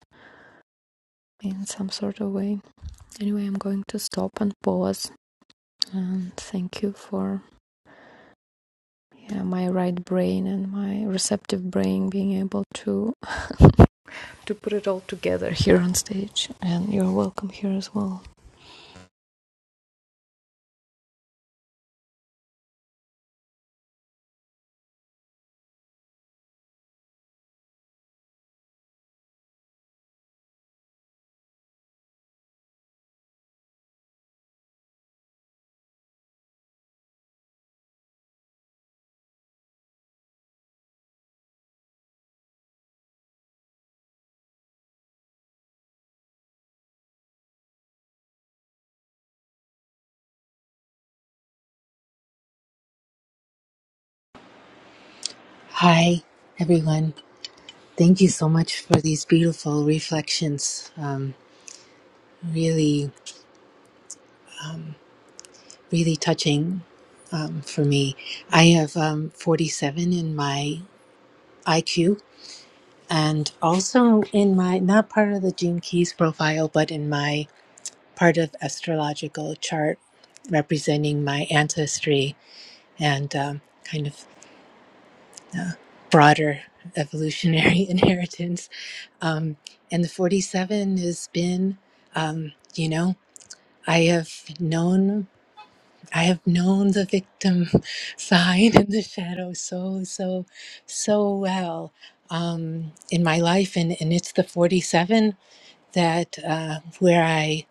in some sort of way. Anyway, I'm going to stop and pause and thank you for yeah, my right brain and my receptive brain being able to to put it all together here on stage and you're welcome here as well. Hi, everyone. Thank you so much for these beautiful reflections. Um, really, really touching um, for me. I have um, 47 in my IQ and also in my, not part of the Gene Keys profile, but in my part of astrological chart representing my ancestry and um, kind of broader evolutionary inheritance. Um, and the 47 has been, um, you know, I have known I have known the victim side and the shadow so so so well um, in my life, and, and it's the forty seven that uh, where I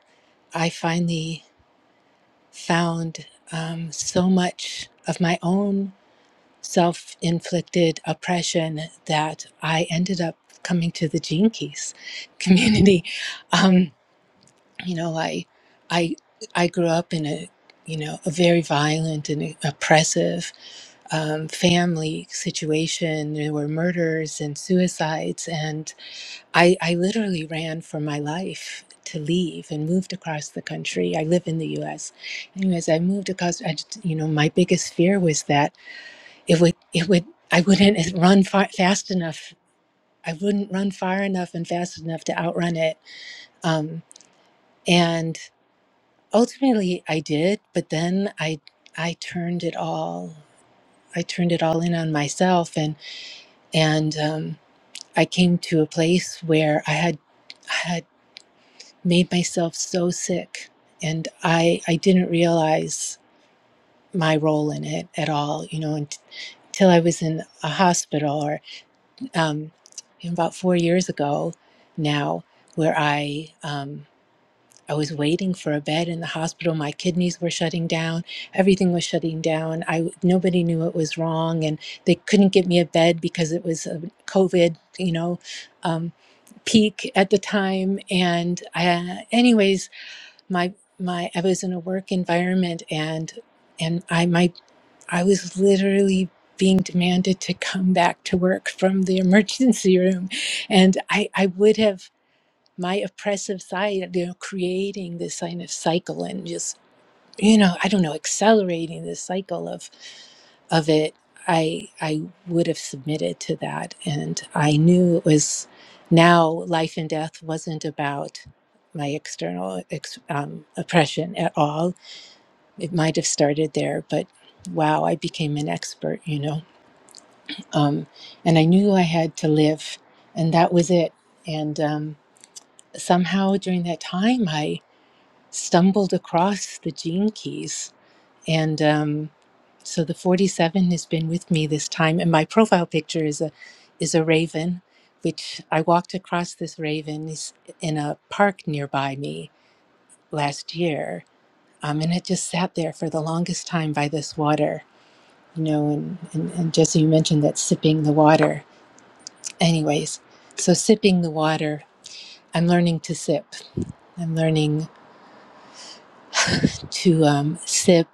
I finally found um, so much of my own self inflicted oppression that I ended up coming to the Gene Keys community. Um, you know i i i grew up in a you know a very violent and oppressive um, family situation there were murders and suicides and i i literally ran for my life to leave and moved across the country i live in the us anyways i moved across I just, you know my biggest fear was that it would it would i wouldn't run far, fast enough i wouldn't run far enough and fast enough to outrun it um, and ultimately i did but then i i turned it all i turned it all in on myself and and um, i came to a place where i had i had made myself so sick and i i didn't realize my role in it at all you know until i was in a hospital or um, about four years ago now where i um, I was waiting for a bed in the hospital. My kidneys were shutting down. Everything was shutting down. I nobody knew what was wrong, and they couldn't get me a bed because it was a COVID, you know, um, peak at the time. And I, anyways, my my I was in a work environment, and and I my I was literally being demanded to come back to work from the emergency room, and I I would have my oppressive side, you know, creating this kind of cycle and just, you know, I don't know, accelerating this cycle of of it, I I would have submitted to that. And I knew it was now life and death wasn't about my external ex, um, oppression at all. It might have started there, but wow, I became an expert, you know. Um, and I knew I had to live, and that was it. And um, somehow during that time, I stumbled across the gene keys. And um, so the 47 has been with me this time. And my profile picture is a is a raven, which I walked across this raven is in a park nearby me last year. Um, and it just sat there for the longest time by this water, you know. And, and, and Jesse, you mentioned that sipping the water. Anyways, so sipping the water, I'm learning to sip. I'm learning to um, sip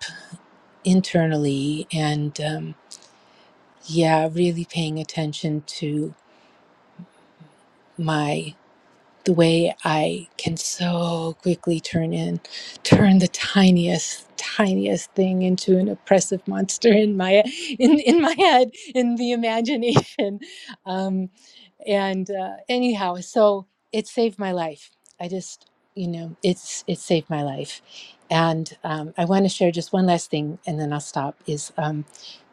internally and um, yeah really paying attention to my the way i can so quickly turn in turn the tiniest tiniest thing into an oppressive monster in my in, in my head in the imagination Um, and uh, anyhow so it saved my life i just you know it's it saved my life and um, i want to share just one last thing and then i'll stop is um,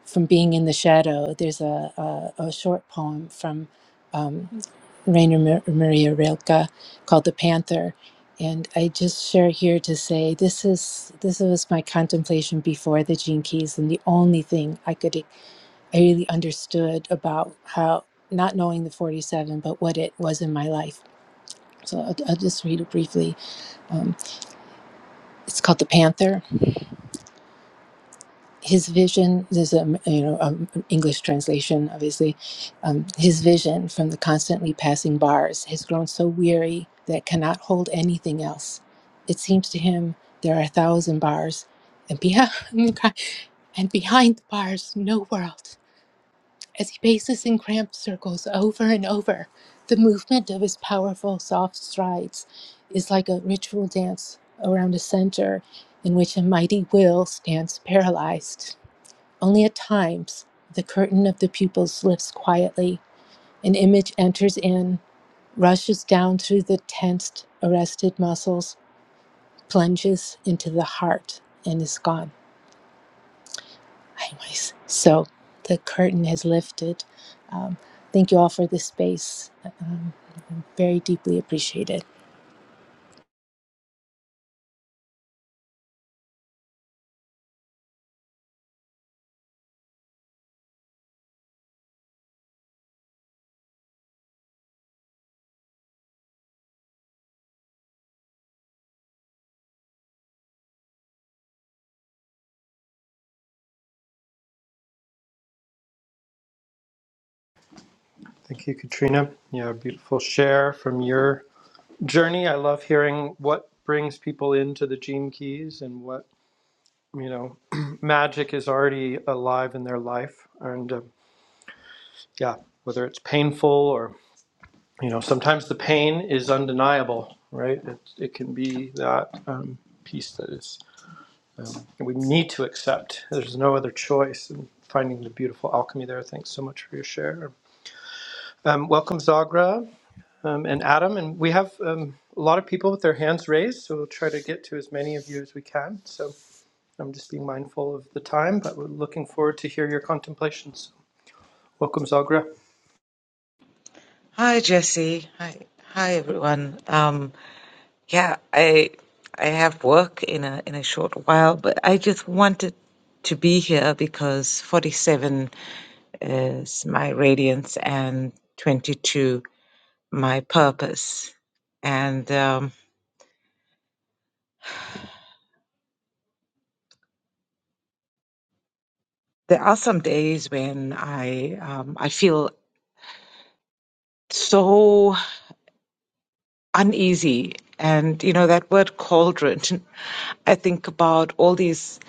from being in the shadow there's a, a, a short poem from um, rainer Mar- maria rilke called the panther and i just share here to say this is this was my contemplation before the gene keys and the only thing i could I really understood about how not knowing the 47, but what it was in my life. So I'll, I'll just read it briefly. Um, it's called The Panther. His vision, there's a you know um English translation, obviously. Um, his vision from the constantly passing bars has grown so weary that it cannot hold anything else. It seems to him there are a thousand bars, and behind, and behind the bars, no world. As he paces in cramped circles over and over, the movement of his powerful, soft strides is like a ritual dance around a center in which a mighty will stands paralyzed. Only at times, the curtain of the pupils lifts quietly. An image enters in, rushes down through the tensed, arrested muscles, plunges into the heart, and is gone. Anyways, so the curtain has lifted. Um, thank you all for this space. Um, very deeply appreciated. Thank you, Katrina. Yeah, beautiful share from your journey. I love hearing what brings people into the Gene Keys and what you know, magic is already alive in their life. And uh, yeah, whether it's painful or, you know, sometimes the pain is undeniable, right? It, it can be that um, piece that is, um, we need to accept. There's no other choice. And finding the beautiful alchemy there. Thanks so much for your share. Um, welcome, Zagra um, and Adam. And we have um, a lot of people with their hands raised, so we'll try to get to as many of you as we can. So I'm just being mindful of the time, but we're looking forward to hear your contemplations. Welcome, Zagra. Hi, Jesse. Hi, hi, everyone. Um, yeah, I I have work in a in a short while, but I just wanted to be here because 47 is my radiance and 22 my purpose. And um, there are some days when I um, I feel so uneasy, and you know that word cauldron. I think about all these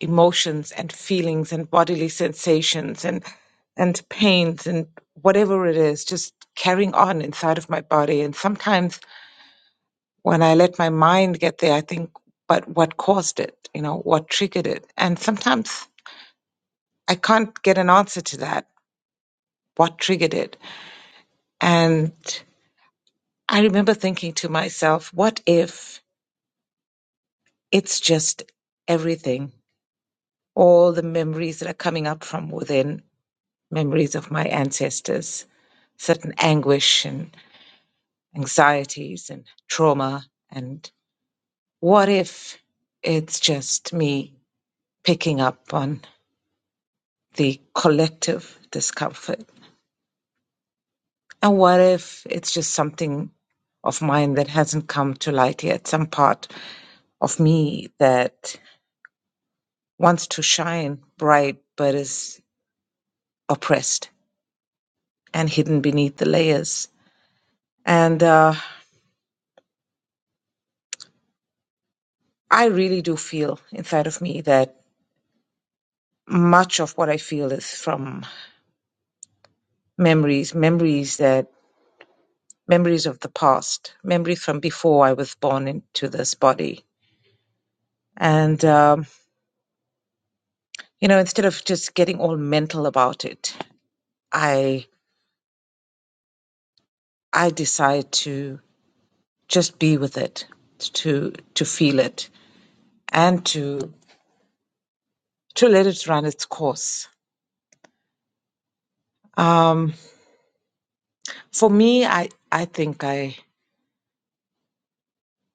emotions and feelings and bodily sensations and and pains and whatever it is, just carrying on inside of my body. And sometimes when I let my mind get there, I think, but what caused it? You know, what triggered it? And sometimes I can't get an answer to that. What triggered it? And I remember thinking to myself, what if it's just everything? All the memories that are coming up from within memories of my ancestors, certain anguish and anxieties and trauma. And what if it's just me picking up on the collective discomfort? And what if it's just something of mine that hasn't come to light yet, some part of me that wants to shine bright but is oppressed and hidden beneath the layers? And uh, I really do feel inside of me that much of what I feel is from memories, memories that memories of the past, memories from before I was born into this body. And um, you know, instead of just getting all mental about it, I I decide to just be with it, to to feel it, and to to let it run its course. Um, for me, I I think I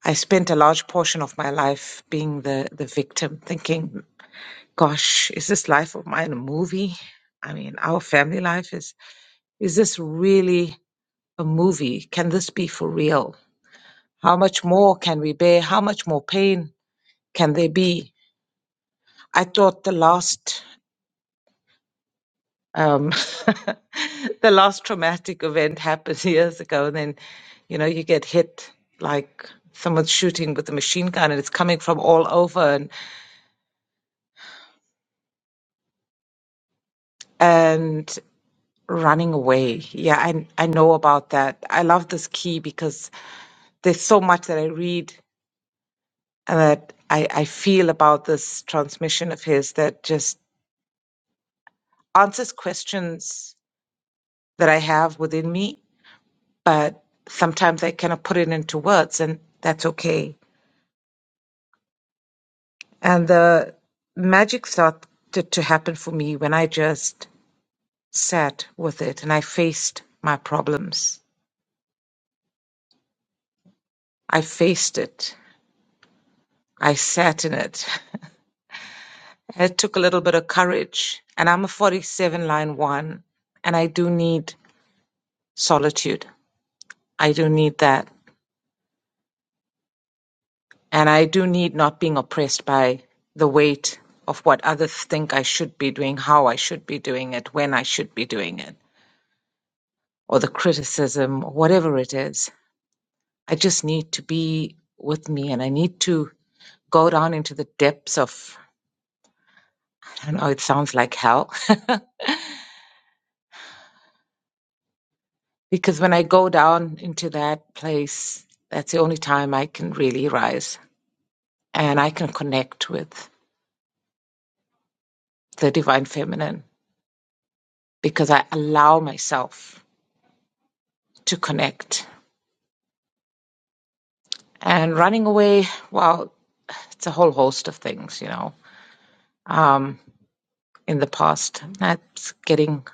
I spent a large portion of my life being the the victim, thinking gosh, is this life of mine a movie? I mean, our family life is, is this really a movie? Can this be for real? How much more can we bear? How much more pain can there be? I thought the last, um, the last traumatic event happened years ago, and then, you know, you get hit like someone's shooting with a machine gun, and it's coming from all over, and and running away. Yeah, I I know about that. I love this key because there's so much that I read and that I, I feel about this transmission of his that just answers questions that I have within me, but sometimes I cannot put it into words, and that's okay. And the magic started to happen for me when I just sat with it and I faced my problems. I faced it. I sat in it. It took a little bit of courage. And I'm a 47 line one, and I do need solitude. I do need that. And I do need not being oppressed by the weight of what others think I should be doing, how I should be doing it, when I should be doing it, or the criticism, or whatever it is. I just need to be with me and I need to go down into the depths of, I know it sounds like hell, because when I go down into that place, that's the only time I can really rise and I can connect with the divine feminine because I allow myself to connect. And running away, well, it's a whole host of things, you know. Um, in the past, that's getting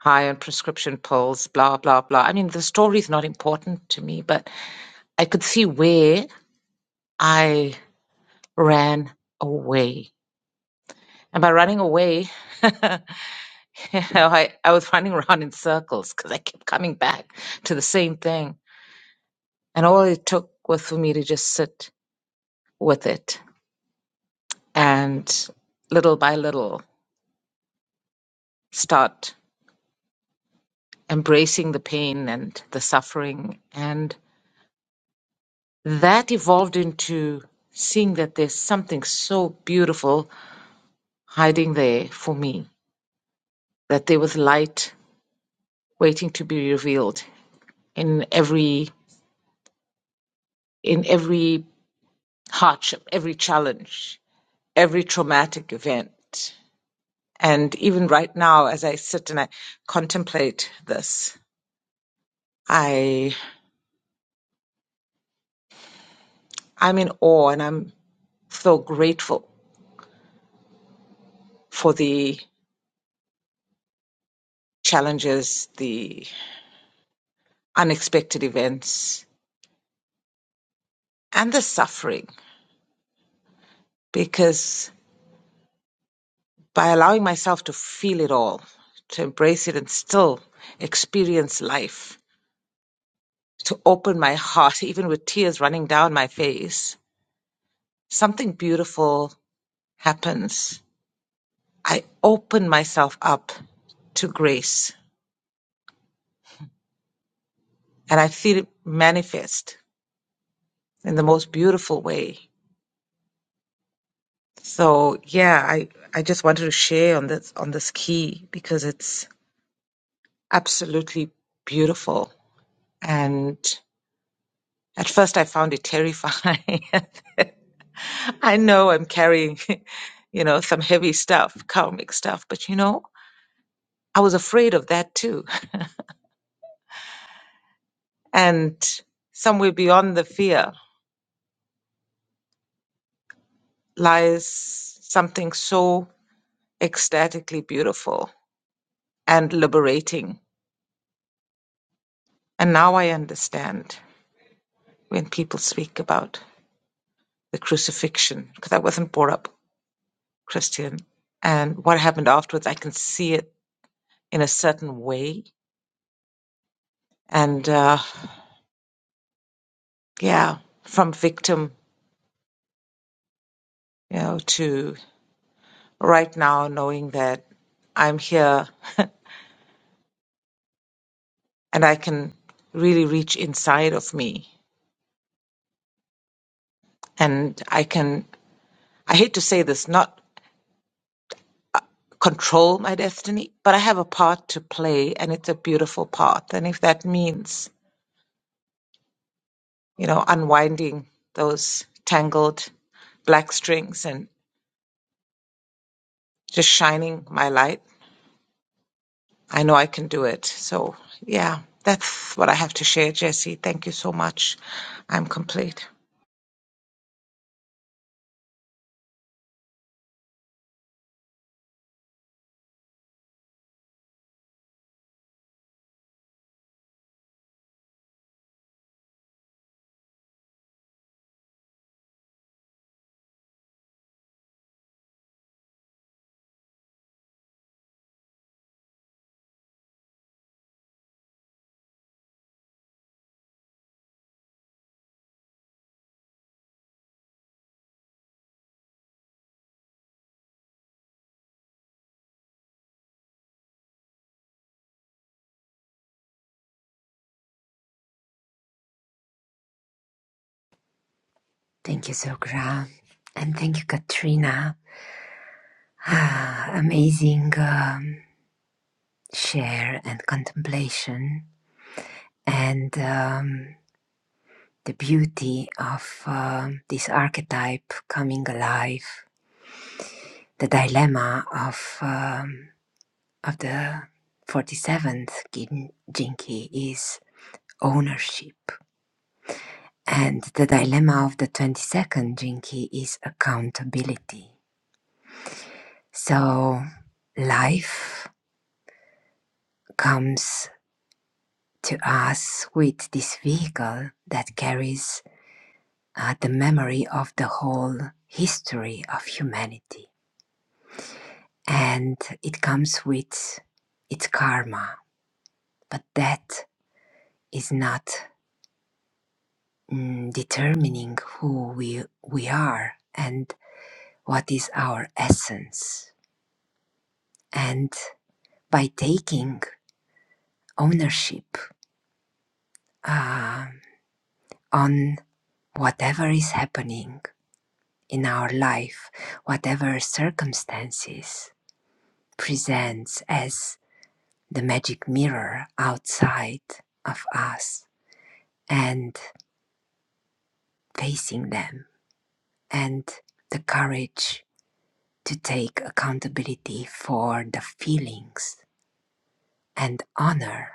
high on prescription pills, blah, blah, blah. I mean, the story is not important to me, but I could see where I ran away. And by running away, you know, I, I was running around in circles because I kept coming back to the same thing. And all it took was for me to just sit with it and little by little start embracing the pain and the suffering. And that evolved into seeing that there's something so beautiful hiding there for me, that there was light waiting to be revealed in every in every hardship, every challenge, every traumatic event. And even right now, as I sit and I contemplate this, I I'm in awe and I'm so grateful for the challenges, the unexpected events, and the suffering because by allowing myself to feel it all, to embrace it and still experience life, to open my heart, even with tears running down my face, something beautiful happens. I open myself up to grace and I feel it manifest in the most beautiful way So yeah, I I just wanted to share on this on this key because it's absolutely beautiful. And at first I found it terrifying. I know I'm carrying, you know, some heavy stuff, karmic stuff, but you know, I was afraid of that too. And somewhere beyond the fear lies something so ecstatically beautiful and liberating. And now I understand when people speak about. the crucifixion because I wasn't brought up Christian. And what happened afterwards, I can see it in a certain way. And uh, yeah, from victim, you know, to right now knowing that I'm here and I can really reach inside of me. And I can, I hate to say this, not control my destiny, but I have a part to play and it's a beautiful part. And if that means you know, unwinding those tangled black strings and just shining my light. I know I can do it. So, yeah, that's what I have to share, Jesse. Thank you so much. I'm complete. Thank you, Zogram. And thank you, Katrina. amazing um, share and contemplation and um, the beauty of um this archetype coming alive the dilemma of um, of the 47th Gin- jinki is ownership and the dilemma of the 22nd jinki is accountability so life comes to us with this vehicle that carries uh, the memory of the whole history of humanity. And it comes with its karma, but that is not mm, determining who we, we are and what is our essence. And by taking ownership uh, on whatever is happening in our life, whatever circumstances, presents as the magic mirror outside of us and facing them, and the courage to take accountability for the feelings and honor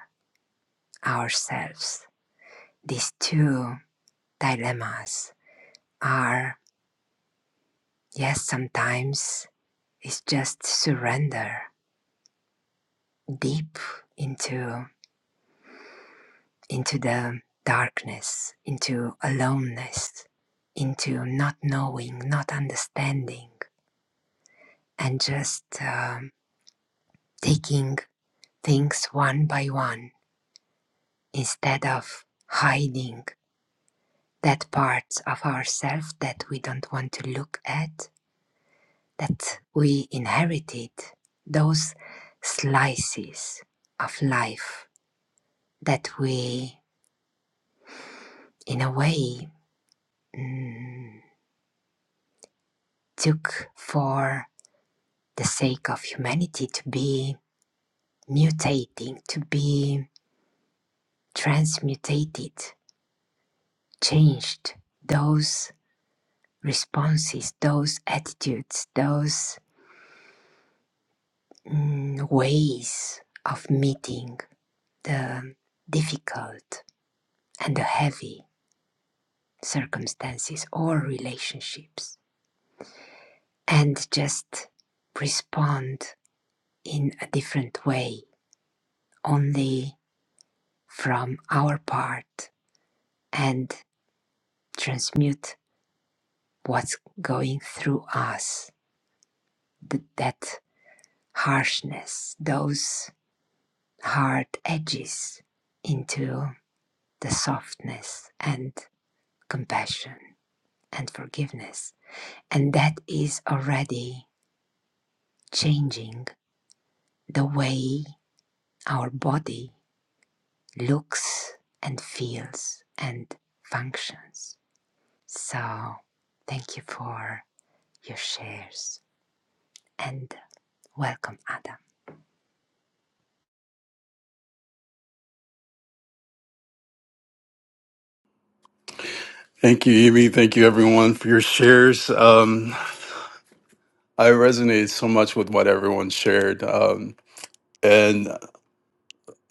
ourselves. These two dilemmas are, yes, sometimes it's just surrender deep into into the darkness, into aloneness, into not knowing, not understanding, and just um, taking things one by one instead of hiding that part of ourselves that we don't want to look at, that we inherited, those slices of life that we, in a way, mm, took for the sake of humanity to be mutating, to be transmutated, changed. Those responses, those attitudes, those mm, ways of meeting the difficult and the heavy circumstances or relationships, and just respond in a different way, only from our part, and transmute what's going through us, th- that harshness, those hard edges into the softness and compassion and forgiveness. And that is already changing the way our body looks and feels and functions. So, thank you for your shares and welcome, Ada. Thank you, Evie. Thank you, everyone, for your shares. Um, I resonate so much with what everyone shared. Um, and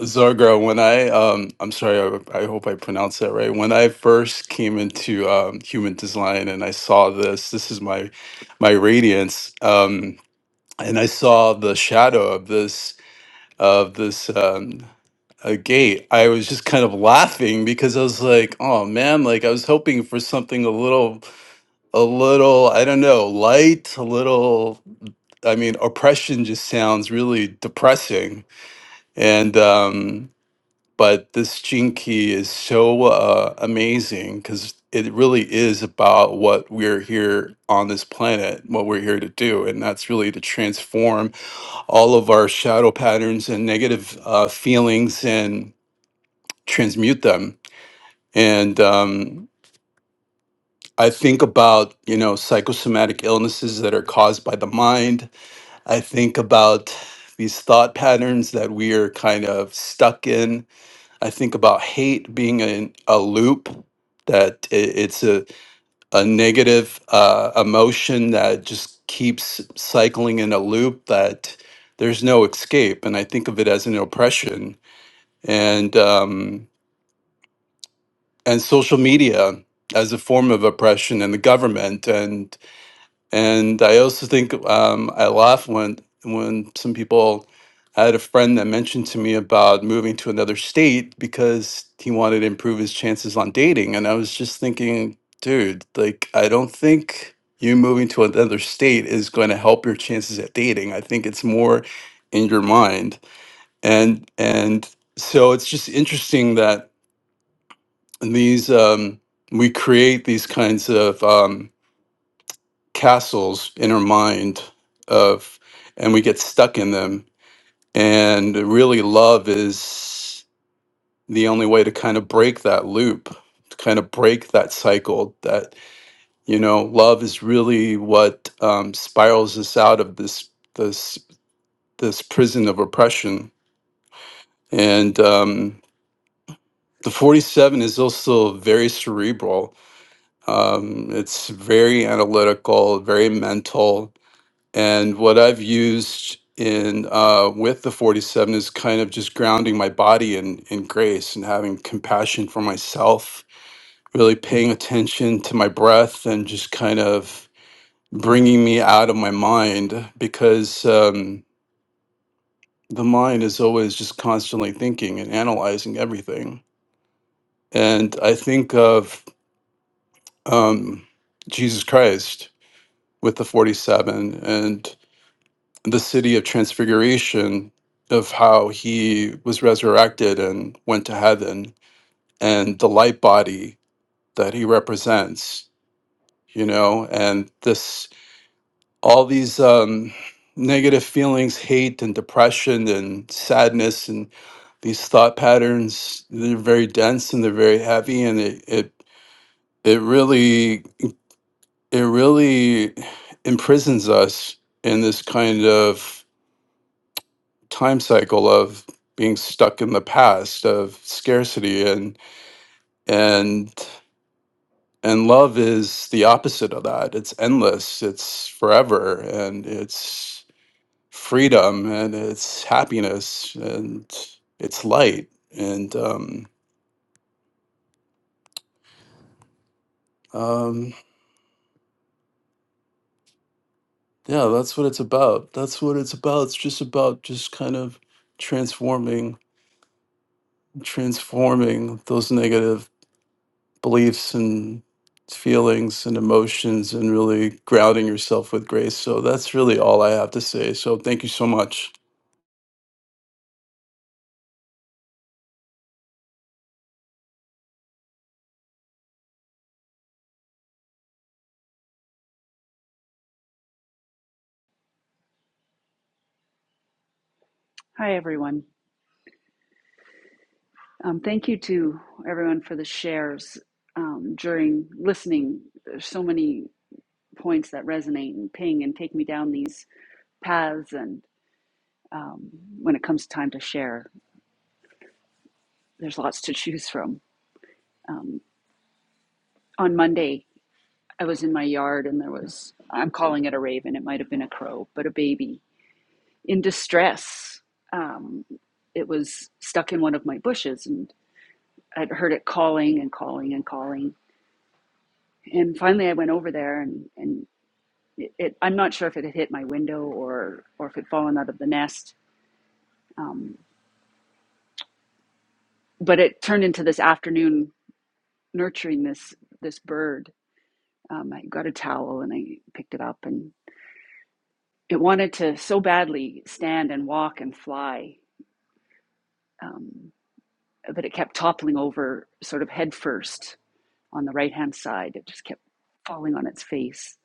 Zargra, when I, um, I'm sorry, I, I hope I pronounced that right. When I first came into um, human design and I saw this, this is my my radiance, um, and I saw the shadow of this of this um, a gate, I was just kind of laughing because I was like, oh man, like I was hoping for something a little a little i don't know light a little i mean oppression just sounds really depressing and um but this gene key is so uh, amazing because it really is about what we're here on this planet what we're here to do and that's really to transform all of our shadow patterns and negative uh, feelings and transmute them and um, i think about you know psychosomatic illnesses that are caused by the mind I think about these thought patterns that we are kind of stuck in. I think about hate being in a loop, that i- it's a, a negative uh, emotion that just keeps cycling in a loop that there's no escape. And I think of it as an oppression and, um, and social media as a form of oppression and the government. And I also think um, I laugh when when some people. I had a friend that mentioned to me about moving to another state because he wanted to improve his chances on dating, and I was just thinking, dude, like I don't think you moving to another state is going to help your chances at dating. I think it's more in your mind, and and so it's just interesting that these um, we create these kinds of. Um, castles in our mind of and we get stuck in them and really love is the only way to kind of break that loop to kind of break that cycle that you know love is really what um, spirals us out of this this this prison of oppression and um, the 47 is also very cerebral um, it's very analytical very mental And what I've used in uh, with the 47 is kind of just grounding my body in in grace and having compassion for myself, really paying attention to my breath and just kind of bringing me out of my mind because um, the mind is always just constantly thinking and analyzing everything. And I think of um, Jesus Christ with the 47 and the city of transfiguration of how he was resurrected and went to heaven and the light body that he represents you know and this all these um negative feelings hate and depression and sadness and these thought patterns they're very dense and they're very heavy and it it, it really it really imprisons us in this kind of time cycle of being stuck in the past of scarcity and and and love is the opposite of that it's endless it's forever and it's freedom and it's happiness and it's light and um um yeah that's what it's about that's what it's about it's just about just kind of transforming transforming those negative beliefs and feelings and emotions and really grounding yourself with grace. So that's really all I have to say. So thank you so much. Hi, everyone. Um, thank you to everyone for the shares um, during listening. There's so many points that resonate and ping and take me down these paths. And um, when it comes time to share, there's lots to choose from. Um, on Monday, I was in my yard and there was, I'm calling it a raven, it might have been a crow, but a baby in distress. Um, it was stuck in one of my bushes and I'd heard it calling and calling and calling. And finally, I went over there and, and it, it I'm not sure if it had hit my window or or if it had fallen out of the nest, but it turned into this afternoon nurturing this this bird. Um, I got a towel and I picked it up, and it wanted to so badly stand and walk and fly, um, but it kept toppling over, sort of head first on the right hand side. It just kept falling on its face.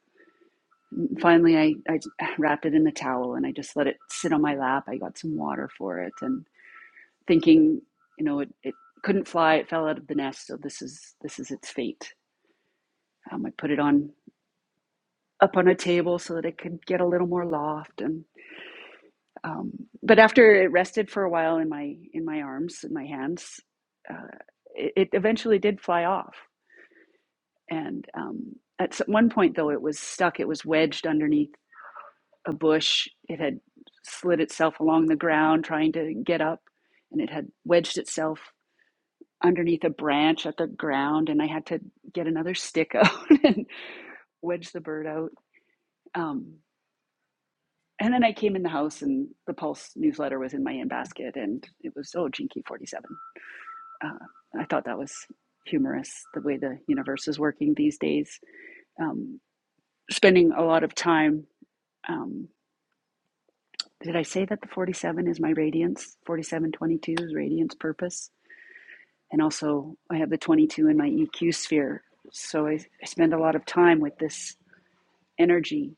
Finally, I, I wrapped it in the towel and I just let it sit on my lap. I got some water for it, and. thinking, you know, it, it couldn't fly, it fell out of the nest, so this is this is its fate. Um, I put it on up on a table so that it could get a little more loft, and um, but after it rested for a while in my in my arms in my hands, uh, it, it eventually did fly off. And um, at one point, though, it was stuck. It was wedged underneath a bush. It had slid itself along the ground trying to get up, and it had wedged itself underneath a branch at the ground and I had to get another stick out and wedge the bird out. Um, and then I came in the house and the Pulse newsletter was in my in basket and it was, oh, Jinky 47. Uh, I thought that was humorous the way the universe is working these days. Um, spending a lot of time. Um, did I say that the 47 is my radiance? 4722 is radiance purpose. And also, I have the 22 in my EQ sphere. So I, I spend a lot of time with this energy.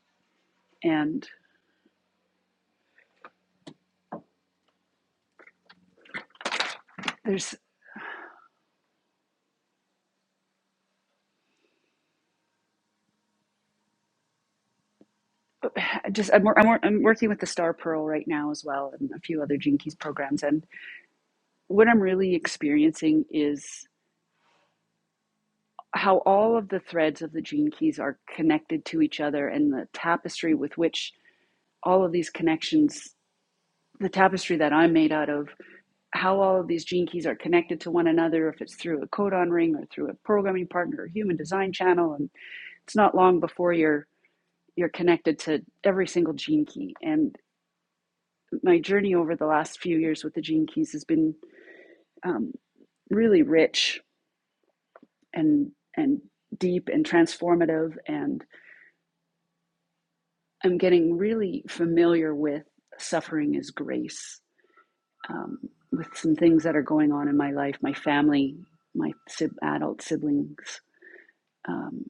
And there's just I'm, I'm, I'm working with the Star Pearl right now as well, and a few other Gene Keys programs. And what I'm really experiencing is how all of the threads of the gene keys are connected to each other, and the tapestry with which all of these connections, the tapestry that I'm made out of, how all of these gene keys are connected to one another, if it's through a codon ring or through a programming partner or human design channel, and it's not long before you're you're connected to every single gene key. And my journey over the last few years with the Gene Keys has been um, really rich and and deep and transformative, and I'm getting really familiar with suffering as grace. Um, with some things that are going on in my life, my family, my adult siblings, um,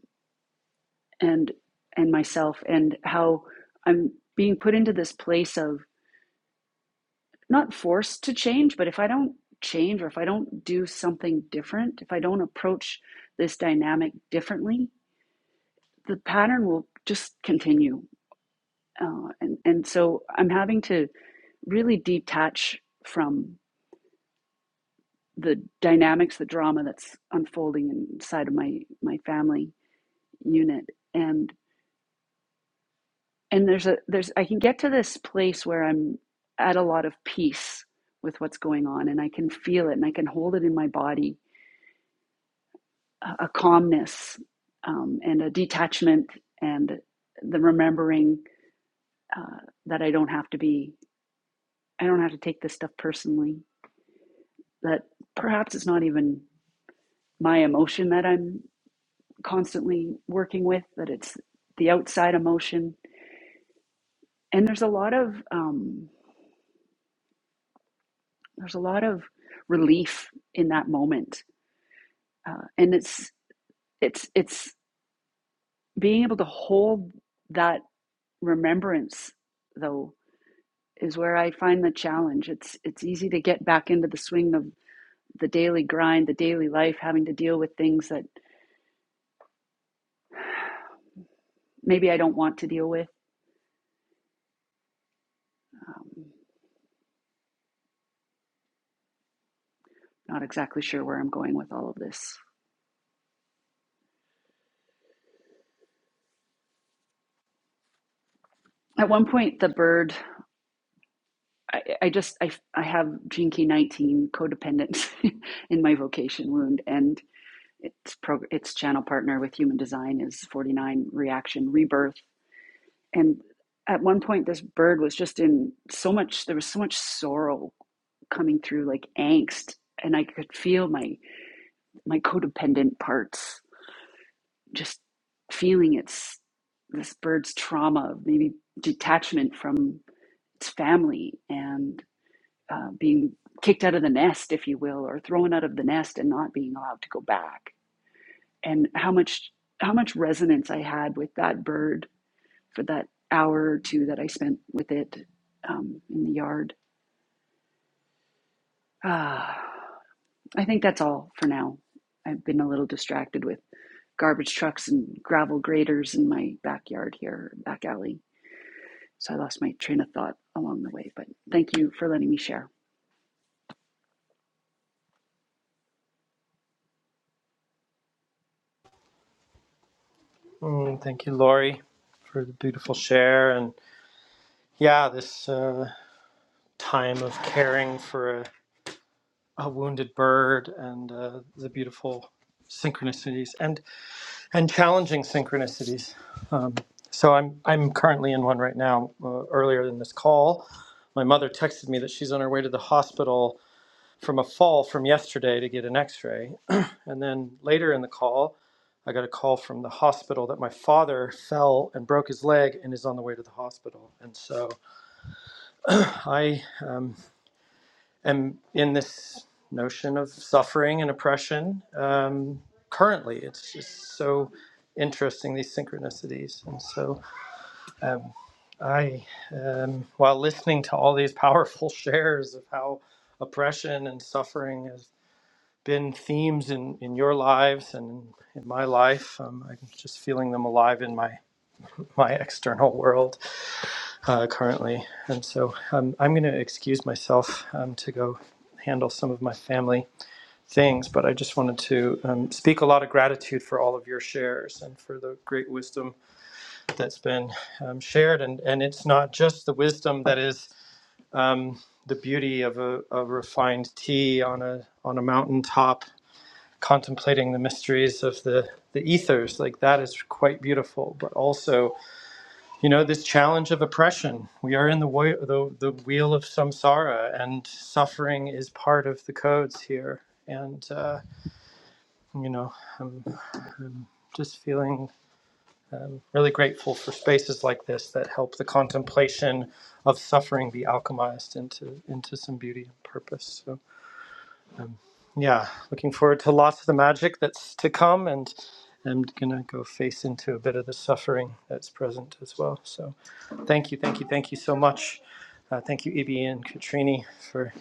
and and myself, and how I'm being put into this place of not forced to change, but if I don't change or if I don't do something different, if I don't approach this dynamic differently, the pattern will just continue. Uh, and, and so I'm having to really detach from the dynamics, the drama that's unfolding inside of my, my family unit. And, and there's a, there's, I can get to this place where I'm at a lot of peace with what's going on and I can feel it and I can hold it in my body a calmness um, and a detachment and the remembering uh, that I don't have to be, I don't have to take this stuff personally. That perhaps it's not even my emotion that I'm constantly working with, that it's the outside emotion. And there's a lot of, um, there's a lot of relief in that moment. Uh, and it's, it's, it's being able to hold that remembrance though is where I find the challenge. It's it's easy to get back into the swing of the daily grind, the daily life, having to deal with things that maybe I don't want to deal with. Um, not exactly sure where I'm going with all of this. At one point, the bird. I, I just I I have gene key 19 codependent in my vocation wound, and its prog- its channel partner with human design is 49 reaction rebirth and at one point this bird was just in so much there was so much sorrow coming through like angst and i could feel my my codependent parts just feeling its this bird's trauma maybe detachment from its family and uh, being kicked out of the nest if you will or thrown out of the nest and not being allowed to go back and how much how much resonance i had with that bird for that hour or two that I spent with it um, in the yard. Ah, I think that's all for now. I've been a little distracted with garbage trucks and gravel graders in my backyard here, back alley. So I lost my train of thought along the way, but thank you for letting me share. Mm, thank you, Laurie, for the beautiful share. And yeah, this uh, time of caring for a, a wounded bird and uh, the beautiful synchronicities and and challenging synchronicities. Um, so I'm I'm currently in one right now. Uh, earlier in this call, my mother texted me that she's on her way to the hospital from a fall from yesterday to get an x-ray and then later in the call i got a call from the hospital that my father fell and broke his leg and is on the way to the hospital and so i um, am in this notion of suffering and oppression um, currently it's just so interesting these synchronicities and so um, i um, while listening to all these powerful shares of how oppression and suffering has been themes in, in your lives and in, my life. Um, I'm just feeling them alive in my, my external world uh, currently. And so um, I'm going to excuse myself um, to go handle some of my family things, but I just wanted to um, speak a lot of gratitude for all of your shares and for the great wisdom that's been um, shared. And, and it's not just the wisdom that is um, the beauty of a, a refined tea on a, on a mountaintop contemplating the mysteries of the the ethers like that is quite beautiful but also you know this challenge of oppression we are in the wo- the, the wheel of samsara and suffering is part of the codes here and uh, you know I'm, I'm just feeling um, really grateful for spaces like this that help the contemplation of suffering be alchemized into into some beauty and purpose So. Um, yeah, looking forward to lots of the magic that's to come, and I'm gonna go face into a bit of the suffering that's present as well. So, thank you, thank you, thank you so much. Uh, thank you, Ibi and Katrini, for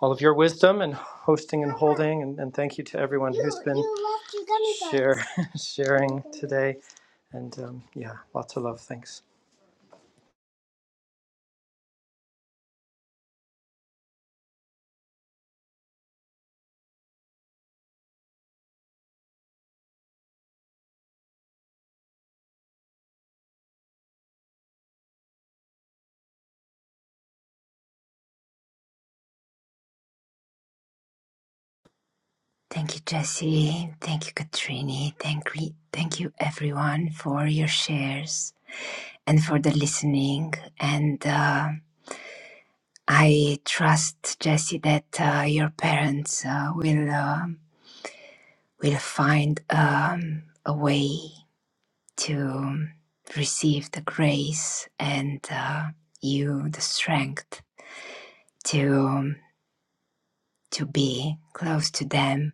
all of your wisdom and hosting and holding, and, and thank you to everyone who's been share, sharing today. And um, yeah, lots of love. Thanks. Thank you, Jesse. Thank you, Katrini. Thank, re- thank you, everyone, for your shares and for the listening. And uh, I trust, Jesse, that uh, your parents uh, will um will find um, a way to receive the grace and uh, you the strength to to be close to them.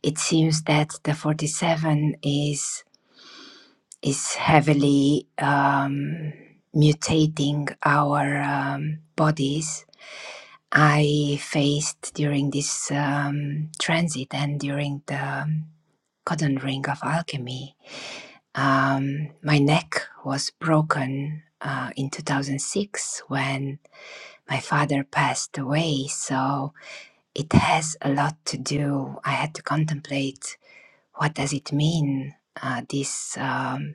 It seems that the 47 is is heavily um, mutating our um, bodies. I faced during this um, transit and during the um, ring of alchemy. Um, my neck was broken uh, in 2006 when my father passed away, so it has a lot to do. I had to contemplate what does it mean uh, this. Um,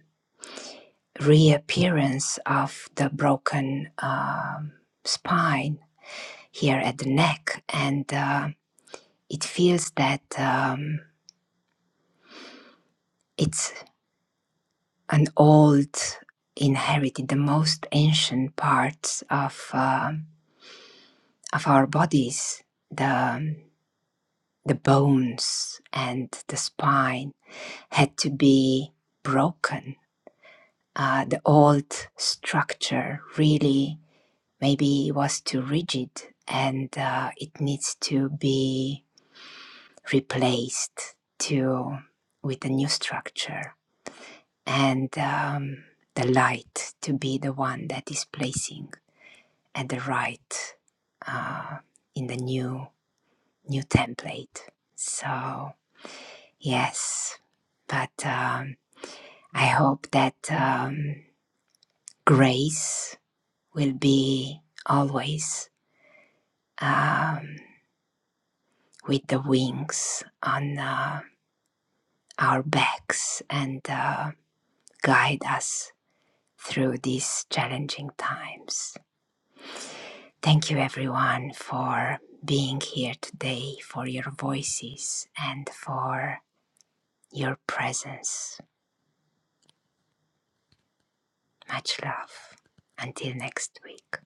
reappearance of the broken um spine here at the neck, and uh, it feels that um, it's an old inherited, the most ancient parts of uh, of our bodies, the um, the bones and the spine had to be broken. Uh, the old structure really Maybe it was too rigid and uh, it needs to be replaced to with a new structure and um, the light to be the one that is placing at the right uh, in the new new template. So yes, but um, I hope that um, grace will be always. um, with the wings on uh, our backs and uh, guide us through these challenging times. Thank you, everyone, for being here today, for your voices, and for your presence. Much love. Until next week.